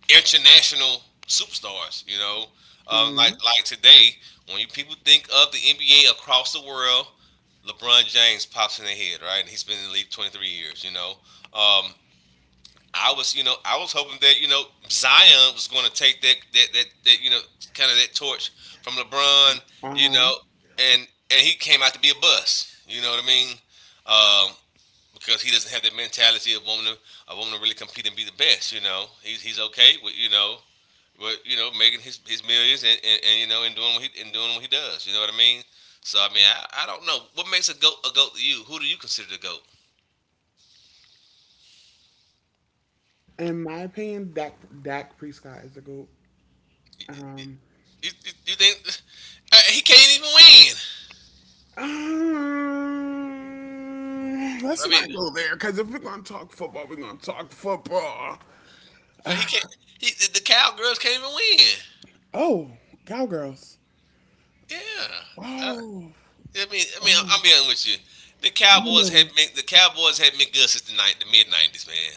Speaker 2: international superstars. Like
Speaker 1: Mhm.
Speaker 2: today, when you people think of the NBA across the world, LeBron James pops in their head, right? And he's been in the league 23 years. Um, I was, I was hoping that Zion was going to take that, kind of, that torch from LeBron.
Speaker 1: Uh
Speaker 2: You
Speaker 1: huh.
Speaker 2: know, and and he came out to be a bust. You know what I mean? Um, because he doesn't have that mentality of wanting to really compete and be the best. You know, he's okay with making his millions, and and doing what he and doing what he does. You know what I mean? I mean, I don't know what makes a goat to you. Who do you consider the goat?
Speaker 1: In my opinion, Dak Prescott is a goat. Um,
Speaker 2: You think (laughs) he can't even win?
Speaker 1: let's
Speaker 2: I mean,
Speaker 1: not go there because if we're gonna talk football, we're gonna talk football.
Speaker 2: but he can't. The cowgirls can't even win.
Speaker 1: Oh, cowgirls.
Speaker 2: Yeah,
Speaker 1: Oh,
Speaker 2: I mean,
Speaker 1: oh,
Speaker 2: I'm being with you. The
Speaker 1: you
Speaker 2: Cowboys had
Speaker 1: know,
Speaker 2: been the Cowboys had been good since the mid '90s, man.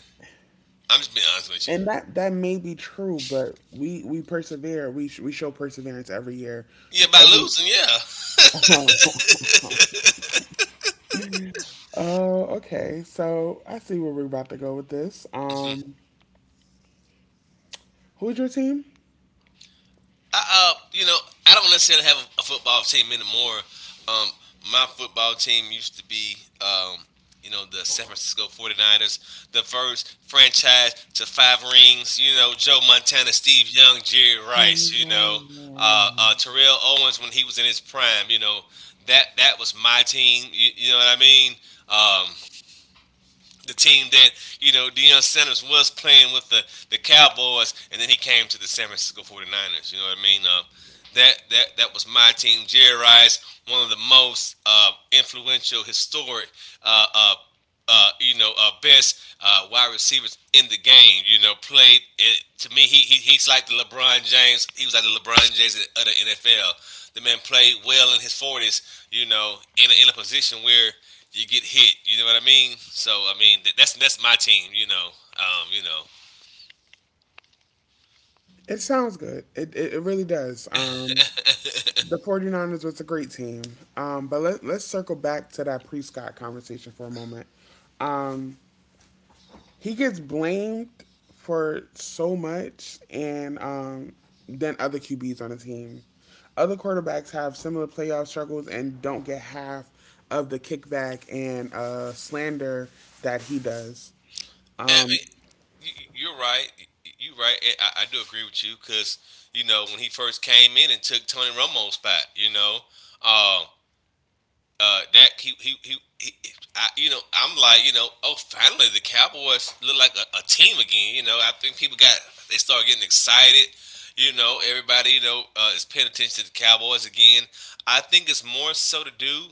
Speaker 2: I'm just being honest with you.
Speaker 1: and that may be true, but we persevere. We show perseverance every year.
Speaker 2: Yeah, by
Speaker 1: Every
Speaker 2: losing, yeah.
Speaker 1: (laughs) Oh, okay. So I see where we're about to go with this. Who's your team?
Speaker 2: I, uh, you know, I don't necessarily have a football team anymore. Um, my football team used to be, the San Francisco Forty ers, the first franchise to 5 rings. You know, Joe Montana, Steve Young, Jerry Rice. Terrell Owens when he was in his prime. You know, that that was my team. You know what I mean? Um, the team that Deion Sanders was playing with, the Cowboys, and then he came to the San Francisco Forty ers. You know what I mean? That was my team. Jerry Rice, one of the most influential, historic uh, uh, best wide receivers in the game. You know, played it, to me. He's like the LeBron James. He was like the LeBron James of the NFL. The man played well in his forties. You know, in a position where you get hit. You know what I mean? So I mean, that's my team. Um, you know.
Speaker 1: It sounds good. It really does. The 49ers was a great team. But let's circle back to that pre-Scott conversation for a moment. Um, he gets blamed for so much and than other QBs on the team. Other quarterbacks have similar playoff struggles and don't get half of the kickback and slander that he does.
Speaker 2: And, I
Speaker 1: Um,
Speaker 2: mean, you- you're right. You're right. I do agree with you because when he first came in and took Tony Romo's spot. You know, um, that he he. He I, you know, I'm like, oh, finally the Cowboys look like a team again. You know, I think people got, they started getting excited, everybody, is paying attention to the Cowboys again. I think it's more so to do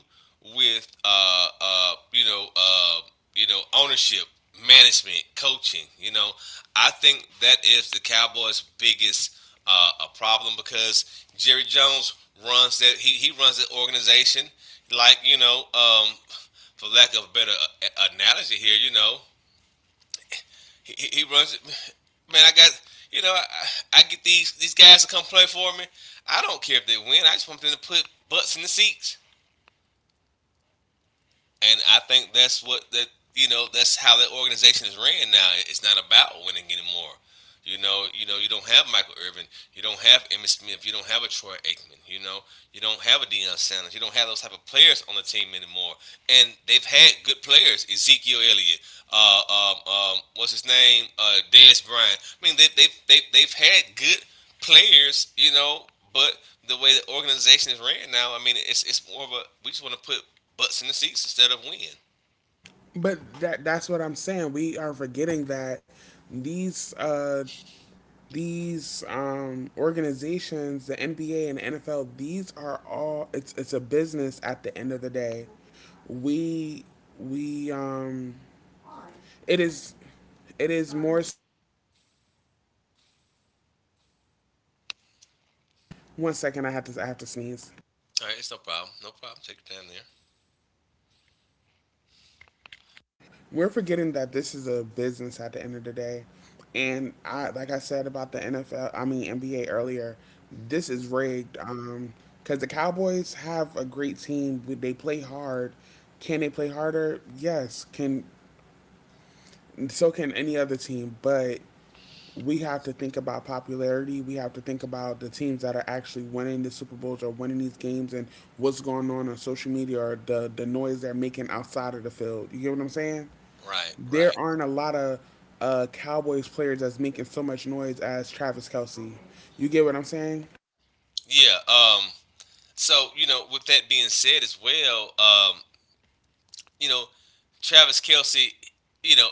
Speaker 2: with, ownership, management, coaching. You know, I think that is the Cowboys' biggest a problem because Jerry Jones runs that, he runs that organization like, for lack of a better analogy here, you know, he runs it, man. I got you know, I get these guys to come play for me. I don't care if they win. I just want them to put butts in the seats, and I think that's what, that's how that organization is ran now. It's not about winning anymore. You know, you don't have Michael Irvin, you don't have Emmitt Smith, you don't have a Troy Aikman, you know, you don't have a Deion Sanders, you don't have those type of players on the team anymore. And they've had good players, Ezekiel Elliott, what's his name, Dez Bryant. I mean, they've had good players, you know, but the way the organization is ran now, I mean, it's more of a we just want to put butts in the seats instead of win.
Speaker 1: but that's what I'm saying. We are forgetting that these uh, these organizations, the NBA and NFL, these are all it's a business at the end of the day. We we It is. It is more. One second, I have to. I have to sneeze.
Speaker 2: All right, it's no problem, no problem. Take your time there.
Speaker 1: We're forgetting that this is a business at the end of the day, and I like I said about the NFL. I mean NBA earlier. This is rigged. Because the Cowboys have a great team. They play hard. Can they play harder? Yes. Can so can any other team, but we have to think about popularity. We have to think about the teams that are actually winning the Super Bowls or winning these games and what's going on social media or the noise they're making outside of the field. You get what I'm saying?
Speaker 2: Right,
Speaker 1: There
Speaker 2: right.
Speaker 1: aren't a lot of Cowboys players that's making so much noise as Travis Kelsey. You get what I'm saying?
Speaker 2: Yeah. So you know, with that being said as well, you know, Travis Kelsey, you know,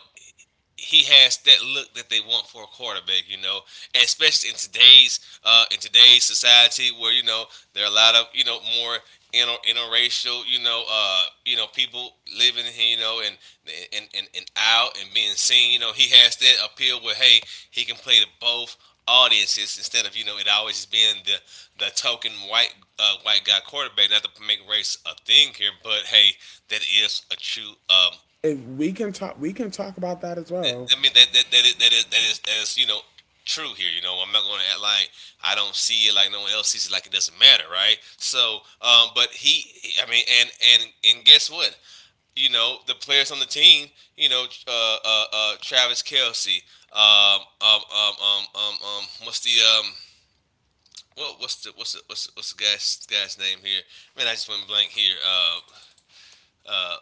Speaker 2: he has that look that they want for a quarterback, you know, and especially in today's society where you know there are a lot of you know more interracial you know people living here, you know, and and out and being seen, you know, he has that appeal where hey he can play to both audiences instead of you know it always just being the token white white guy quarterback. Not to make race a thing here, but hey, that is a true
Speaker 1: If we can talk, we can talk about that as well.
Speaker 2: I mean that that that is, that is that is that is you know true here. You know, I'm not going to act like I don't see it like no one else sees it like it doesn't matter, right? So, but I mean, and guess what? You know, the players on the team, you know, Travis Kelsey, what's the Well, what's the guy's name here? Man, I just went blank here. Uh,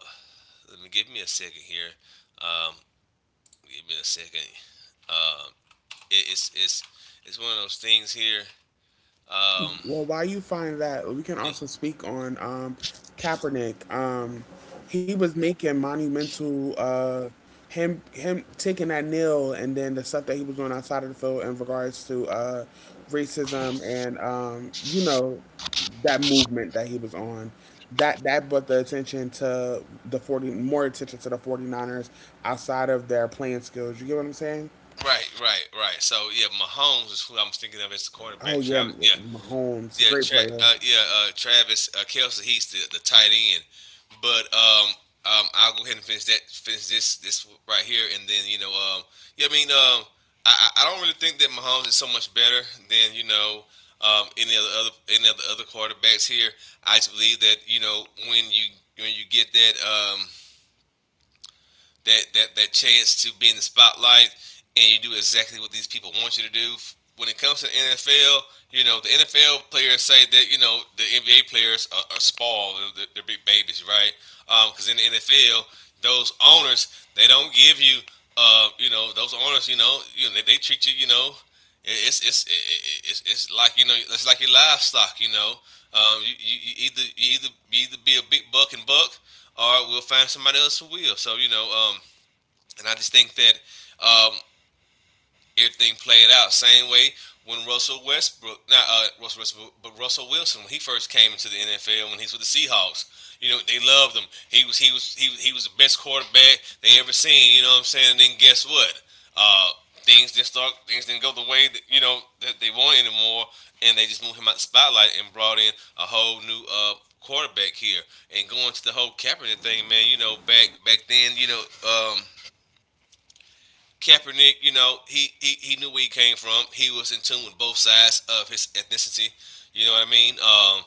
Speaker 2: let me give me a second here. Um, give me a second. Um, it's it's one of those things here. Um,
Speaker 1: Well, while you find that, we can
Speaker 2: yeah,
Speaker 1: also speak on Kaepernick. He was making monumental him taking that kneel, and then the stuff that he was doing outside of the field in regards to racism and that movement that he was on. That brought the attention to the forty more attention to the 49ers outside of their playing skills. You get what I'm saying?
Speaker 2: right, right, right. So yeah, Mahomes is who I'm thinking of as the
Speaker 1: Oh
Speaker 2: quarterback.
Speaker 1: yeah,
Speaker 2: Travis, yeah,
Speaker 1: Mahomes,
Speaker 2: yeah,
Speaker 1: great player.
Speaker 2: Travis Kelsey. He's the tight end. But I'll go ahead and finish that, finish this right here, and then you know, yeah, I mean, I don't really think that Mahomes is so much better than you know. Any of the other any of the other quarterbacks here, I just believe that you know when you get that um, that chance to be in the spotlight, and you do exactly what these people want you to do. When it comes to the NFL, you know the NFL players say that you know the NBA players are, small, they're big babies, right? Because in the NFL, those owners they don't give you, you know, those owners, you know, they treat you, you know, it's it's it's like you know it's like your livestock you know you either you either be a big buck and buck or we'll find somebody else who will so you know and I just think that um, everything played out same way when Russell Westbrook, not Russell Westbrook, but Russell Wilson, when he first came into the NFL, when he was with the Seahawks, you know they loved him. He was the best quarterback they ever seen. You know what I'm saying? And then guess what? Uh, things didn't start. Things didn't go the way that you know that they wanted anymore, and they just moved him out the spotlight and brought in a whole new quarterback here. And going to the whole Kaepernick thing, man. You know, back then, you know. Kaepernick, you know, he he knew where he came from. He was in tune with both sides of his ethnicity. You know what I mean?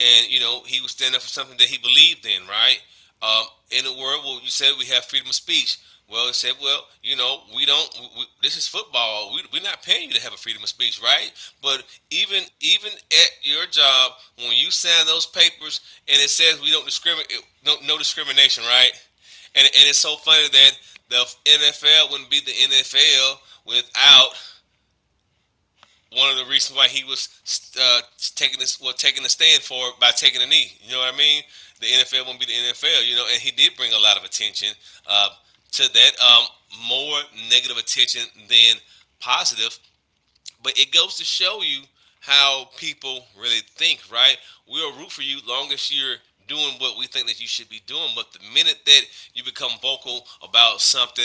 Speaker 2: And you know he was standing up for something that he believed in, right? Um, in a world where you said we have freedom of speech, well, he said, well, you know, we don't. This is football. We're not paying you to have a freedom of speech, right? But even at your job, when you sign those papers and it says we don't discriminate, no, no discrimination, right? And it's so funny that the NFL wouldn't be the NFL without one of the reasons why he was uh, taking this well taking the stand for it by taking a knee. You know what I mean? The NFL won't be the NFL, you know, and he did bring a lot of attention uh, to that. More negative attention than positive, but it goes to show you how people really think, right? We'll root for you long as you're doing what we think that you should be doing. But the minute that you become vocal about something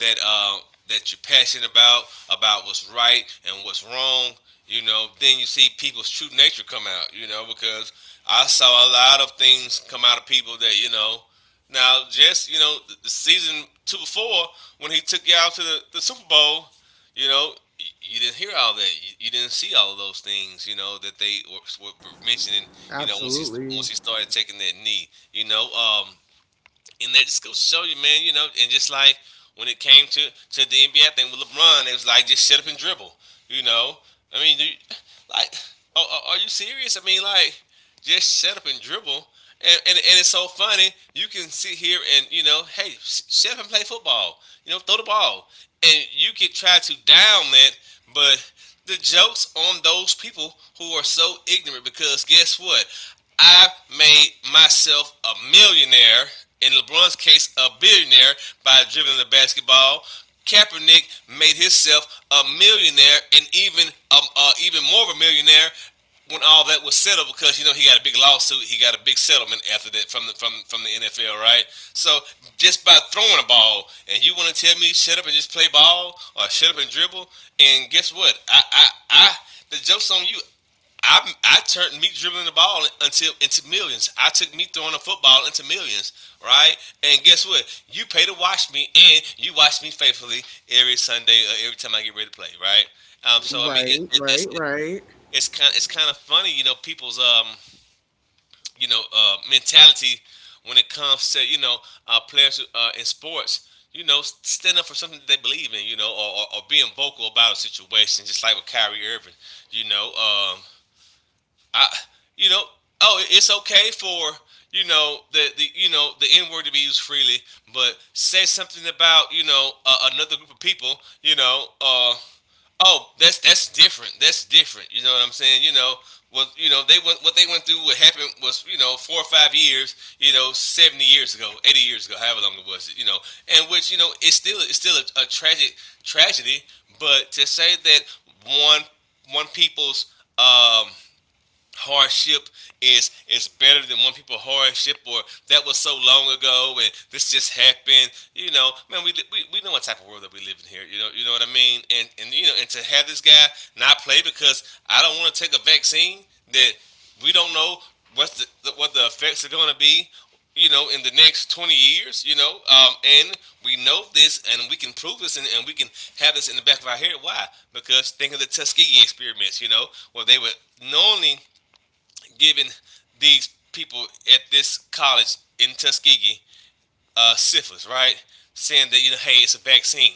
Speaker 2: that that you're passionate about what's right and what's wrong, you know, then you see people's true nature come out, you know, because I saw a lot of things come out of people that, you know, now just, you know, season two before when he took y'all to the Super Bowl, you know, you didn't hear all that. You didn't see all of those things, you know, that they were mentioning. You know,
Speaker 1: Absolutely.
Speaker 2: once he started taking that knee, you know, and that just goes to show you, man. You know, and just like when it came to the NBA thing with LeBron, they was like just shut up and dribble. You know, I mean, do you, like, you serious? I mean, like, just shut up and dribble. And it's so funny. You can sit here and you know, hey, shut up and play football. You know, throw the ball, and you could try to down that, but the jokes on those people who are so ignorant because guess what? I made myself a millionaire, in LeBron's case, a billionaire, by dribbling the basketball. Kaepernick made himself a millionaire and even even more of a millionaire when all that was settled because you know he got a big lawsuit, he got a big settlement after that from the from the NFL, right? So just by throwing a ball, and you want to tell me shut up and just play ball or shut up and dribble, and guess what? I the joke's on you. I turned me dribbling the ball until into millions. I took me throwing a football into millions, right? And guess what? You pay to watch me, and you watch me faithfully every Sunday or every time I get ready to play, right? So I mean,
Speaker 1: Right, right, right.
Speaker 2: it's kind of funny, you know, people's you know mentality when it comes to you know players who, in sports you know, stand up for something that they believe in, you know, or being vocal about a situation, just like with Kyrie Irving, you know, I, you know, oh, it's okay for you know the you know the N word to be used freely, but say something about you know another group of people, you know, oh, that's different. That's different. You know what I'm saying? You know, well, you know they went what they went through. What happened was you know 4 or 5 years, you know, 70 years ago, 80 years ago, however long it was, you know, and which you know it's still a tragic tragedy, but to say that one one people's hardship is better than one people hardship or that was so long ago and this just happened you know man we we know what type of world that we live in here you know what I mean and you know and to have this guy not play because I don't want to take a vaccine that we don't know what the what the effects are going to be you know in the next 20 years you know and we know this and we can prove this and we can have this in the back of our head why because think of the Tuskegee experiments you know where they would knowingly giving these people at this college in Tuskegee syphilis, right? Saying that you know, hey, it's a vaccine.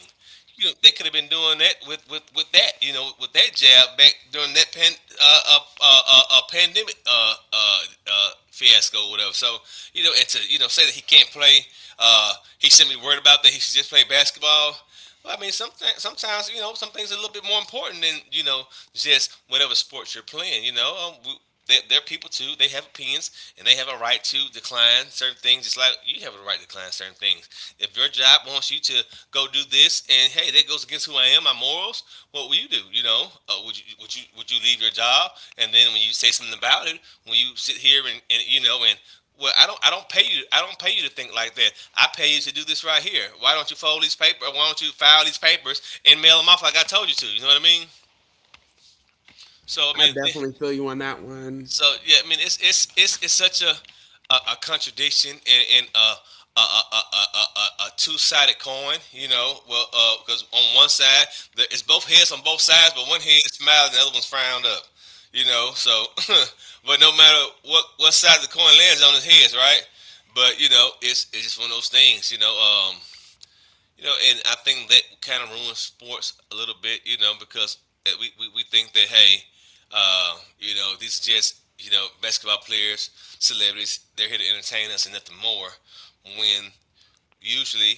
Speaker 2: You know, they could have been doing that with that, you know, with that jab back during that pandemic fiasco, or whatever. So you know, and to you know say that he can't play, uh, he shouldn't be worried about that. He should just play basketball. Well, I mean, sometimes you know some things are a little bit more important than you know just whatever sports you're playing. They, they're people too. They have opinions and they have a right to decline certain things, just like you have a right to decline certain things. If your job wants you to go do this, and hey, that goes against who I am, my morals. What will you do? You know, would you leave your job? And then when you say something about it, when you sit here and you know and well, I don't. I don't pay you. I don't pay you to think like that. I pay you to do this right here. Why don't you fold these papers? Why don't you file these papers and mail them off like I told you to? You know what I mean? So I
Speaker 1: I
Speaker 2: mean, it,
Speaker 1: definitely feel you on that one.
Speaker 2: so yeah, I mean it's such a a contradiction and a, a, a, a two sided coin, you know. Well, because on one side it's both heads on both sides, but one head is smiling, the other one's frowned up, you know. So, (laughs) but no matter what side the coin lands on, his heads, right? But you know, it's just one of those things, you know. Um, you know, and I think that kind of ruins sports a little bit, you know, because we think that, hey, you know, these are just, you know, basketball players, celebrities, they're here to entertain us and nothing more. When usually,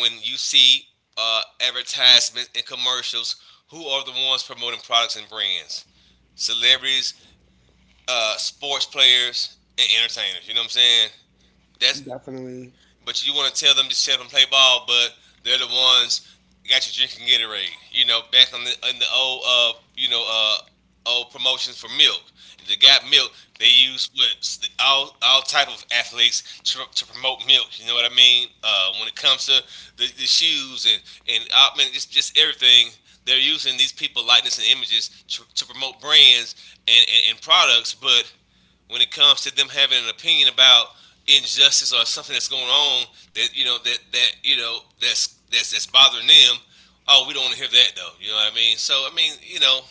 Speaker 2: when you see advertisements and commercials, who are the ones promoting products and brands? Celebrities, sports players, and entertainers. You know what I'm saying? That's
Speaker 1: Definitely.
Speaker 2: but you want to tell them to shut up and play ball, but they're the ones got you drinking Gatorade. You know, back on the in the old you know old promotions for milk. If they got milk, they use what all type of athletes to promote milk. You know what I mean? When it comes to the shoes and man, just everything, they're using these people likeness and images to promote brands and products, but when it comes to them having an opinion about injustice or something that's going on that you know that that you know that's bothering them. Oh, we don't want to hear that though. You know what I mean? So I mean, you know,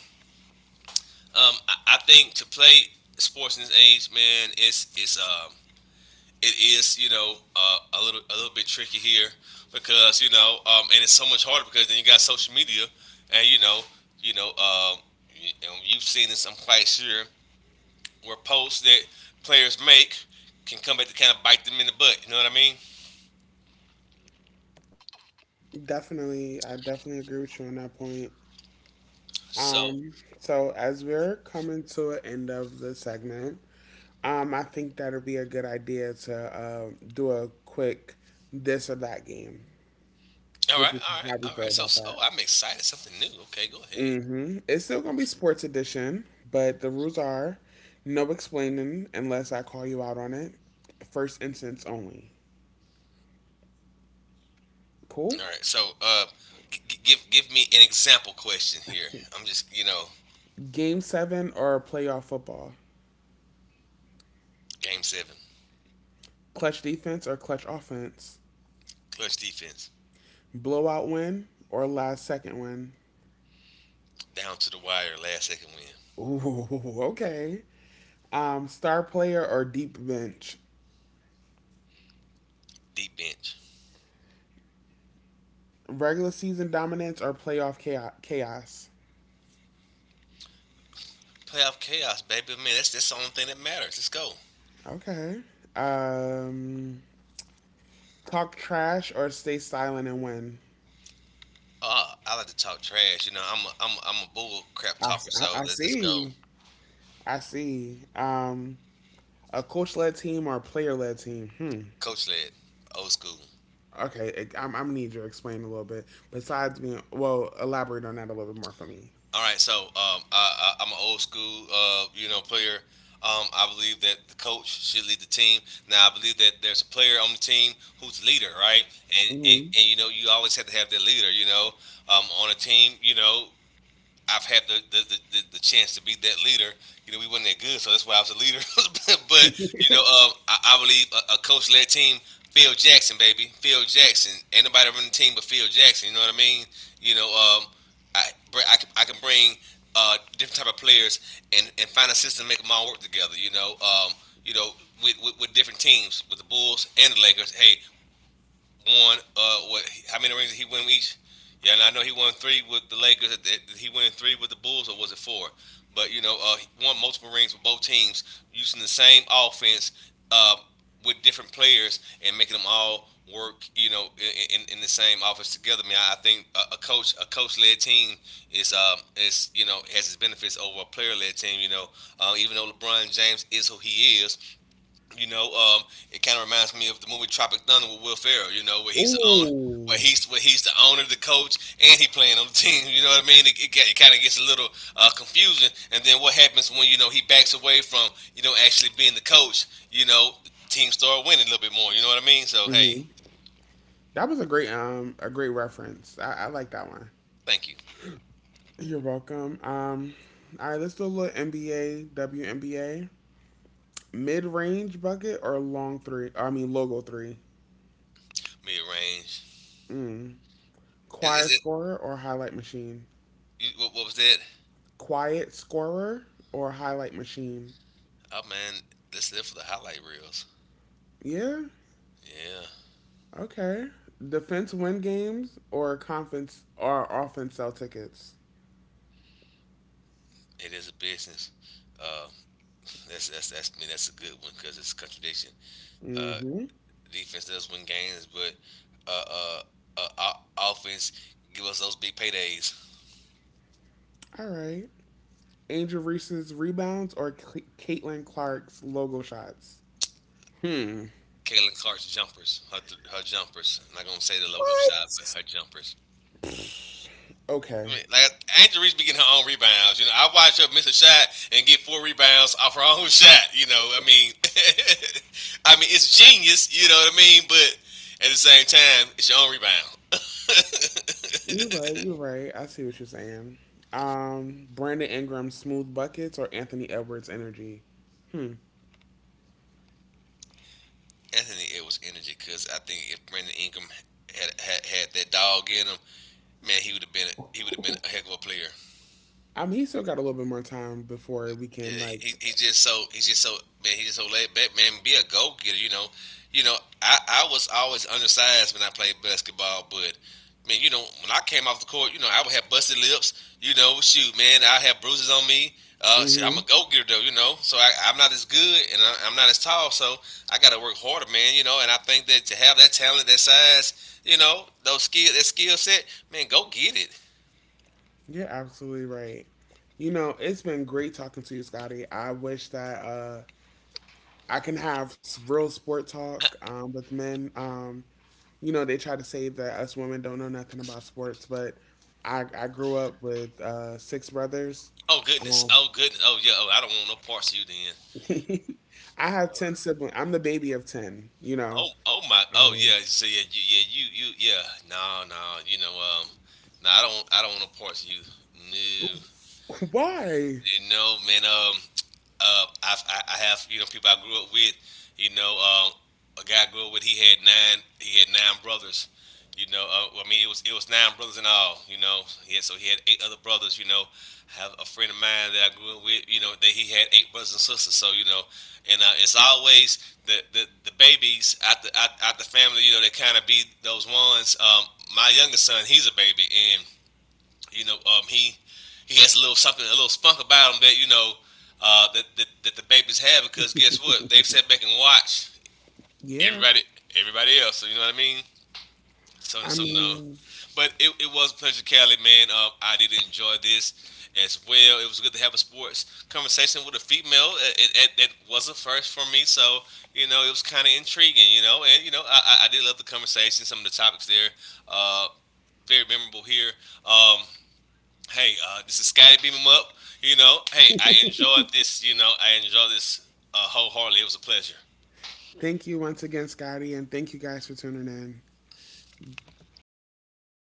Speaker 2: I think to play sports in this age, man, it is you know a little bit tricky here because you know and it's so much harder because then you got social media and you know and you've seen this I'm quite sure where posts that players make can come back to kind of bite them in the butt. You know what I mean?
Speaker 1: Definitely. I definitely agree with you on that point.
Speaker 2: So,
Speaker 1: Um, so as we're coming to an end of the segment, I think that'll be a good idea to do a quick this or that game. Which is how we
Speaker 2: all
Speaker 1: feel
Speaker 2: right.
Speaker 1: about that.
Speaker 2: Oh, I'm excited. Something new. Okay, go ahead.
Speaker 1: Mm-hmm. It's still gonna be sports edition, but the rules are no explaining unless I call you out on it. First instance only.
Speaker 2: All
Speaker 1: Cool?
Speaker 2: right. So, give me an example question here. I'm just you know,
Speaker 1: Game seven or playoff football?
Speaker 2: game 7,
Speaker 1: Clutch defense or clutch offense?
Speaker 2: clutch defense,
Speaker 1: Blowout win or last second win?
Speaker 2: down to the wire, last second win,
Speaker 1: Ooh. (laughs) Okay. Star player or deep bench?
Speaker 2: deep bench,
Speaker 1: Regular season dominance or playoff chaos?
Speaker 2: playoff chaos, baby. Man, that's the only thing that matters. Let's go.
Speaker 1: Okay. Um, Talk trash or stay silent and win?
Speaker 2: Ah, I like to talk trash. You know, I'm a bull crap
Speaker 1: I,
Speaker 2: talker. So
Speaker 1: I
Speaker 2: let's go.
Speaker 1: see. I see. A coach led team or player led team? Hmm.
Speaker 2: Coach led, old school.
Speaker 1: Okay, I'm gonna need you to explain a little bit. Besides being, well, elaborate on that a little bit more for me.
Speaker 2: All right, so I'm an old school, you know, player. I believe that the coach should lead the team. Now, I believe that there's a player on the team who's the leader, right? And and,
Speaker 1: Mm-hmm.
Speaker 2: and you know, you always have to have that leader. You know, on a team, you know, I've had the chance to be that leader. You know, we wasn't that good, so that's why I was a leader. (laughs) But you know, I believe a coach-led team, Phil Jackson, baby, Phil Jackson. Ain't nobody running the team but Phil Jackson. You know what I mean? You know, I I can bring different type of players and find a system to make them all work together. You know, with different teams, with the Bulls and the Lakers. Hey, won what how many rings did he win each? Yeah, and I know he won 3 with the Lakers. He won three with the Bulls, or was it 4? But you know, he won multiple rings with both teams using the same offense with different players and making them all work. You know, in the same offense together. I mean, a coach, a coach-led team is you know has its benefits over a player-led team. You know, even though LeBron James is who he is, you know, it kind of reminds me of the movie Tropic Thunder with Will Ferrell. You know, where he's the owner,
Speaker 1: Ooh.
Speaker 2: where he's the owner, the coach, and he playing on the (laughs) team. You know what I mean? It kind of gets a little confusing. And then what happens when you know he backs away from you know actually being the coach? You know, teams start winning a little bit more. You know what I mean? So hey,
Speaker 1: Hmm. That was a great reference. I like that one.
Speaker 2: thank you.
Speaker 1: You're welcome. All right, let's do a little NBA, WNBA, mid range bucket or long three. I mean logo three.
Speaker 2: Mid range.
Speaker 1: Mm.
Speaker 2: Is
Speaker 1: Quiet
Speaker 2: it?
Speaker 1: scorer or highlight machine.
Speaker 2: What was that?
Speaker 1: Quiet scorer or highlight machine.
Speaker 2: Oh man, that's it for the highlight reels.
Speaker 1: Yeah.
Speaker 2: Yeah,
Speaker 1: Okay. Defense win games or conference or offense sell tickets.
Speaker 2: it is a business. Uh, that's me. That's a good one because it's a contradiction. Uh,
Speaker 1: Mm-hmm.
Speaker 2: The defense does win games, but uh, uh, our offense give us those big paydays.
Speaker 1: All right. Angel Reese's rebounds or Caitlin Clark's logo shots. Hmm.
Speaker 2: Caitlin Clark's jumpers, her jumpers. I'm not gonna say the logo shot, but her
Speaker 1: What?
Speaker 2: jumpers. I
Speaker 1: Okay.
Speaker 2: mean, like Angela Reese be getting her own rebounds. You know, I watch her miss a shot and get 4 rebounds off her own (laughs) shot. You know, I mean, (laughs) I mean it's genius. You know what I mean? But at the same time, it's your own rebound. (laughs)
Speaker 1: You're right. You're right. I see what you're saying. Brandon Ingram's smooth buckets or Anthony Edwards' energy. Hmm. (laughs)
Speaker 2: Anthony Edwards' energy, because I think if Brandon Ingram had that dog in him, man, he would have been a heck of a player.
Speaker 1: I mean, he still got a little bit more time before we can
Speaker 2: Yeah,
Speaker 1: like.
Speaker 2: he's just so man he's just so laid back. Man, be a goal getter. You know I was always undersized when I played basketball, but man, you know when I came off the court, you know I would have busted lips. You know, shoot, man, I have bruises on me. Shit, I'm a
Speaker 1: Hmm.
Speaker 2: go getter though, you know. So I'm not as good and I'm not as tall, so I got to work harder, man. You know, and I think that to have that talent, that size, you know, that skill set, man, go get it.
Speaker 1: You're absolutely right. It's been great talking to you, Scotty. I wish that I can have real sport talk with men. They try to say that us women don't know nothing about sports, but I grew up with six brothers.
Speaker 2: Oh goodness.
Speaker 1: Um,
Speaker 2: Oh goodness. Oh yeah. Oh, I don't want no parts of you then.
Speaker 1: (laughs) I have 10 siblings. I'm the baby of 10.
Speaker 2: Oh, oh my. Oh
Speaker 1: Um,
Speaker 2: yeah. So yeah, yeah, yeah. No, no. You know, no, I don't want no parts of you. No,
Speaker 1: (laughs) why?
Speaker 2: No, man. I have you know people I grew up with. You know, a guy I grew up with. He had 9 brothers. You know, well, I mean, it was 9 brothers in all. You know, yeah. So he had 8 other brothers. You know, I have a friend of mine that I grew up with. You know, that he had 8 brothers and sisters. So you know, and it's always the babies out, out the family. You know, they kind of be those ones. My youngest son, he's a baby, and you know, he has a little something, a little spunk about him that you know that the babies have because guess what? They've sat back and watched
Speaker 1: Yeah.
Speaker 2: everybody everybody else. So you know what I mean?
Speaker 1: I
Speaker 2: Some no,
Speaker 1: mean,
Speaker 2: but it was a pleasure, Cali man. I did enjoy this as well. It was good to have a sports conversation with a female. It was a first for me, so you know it was kind of intriguing. You know, and you know I did love the conversation, some of the topics there. Uh, very memorable here. Um, hey, this is Scotty Beam 'em Up. You know, hey, I enjoyed this. You know, I enjoyed this wholeheartedly. It was a pleasure.
Speaker 1: thank you once again, Scotty, and thank you guys for tuning in. Don't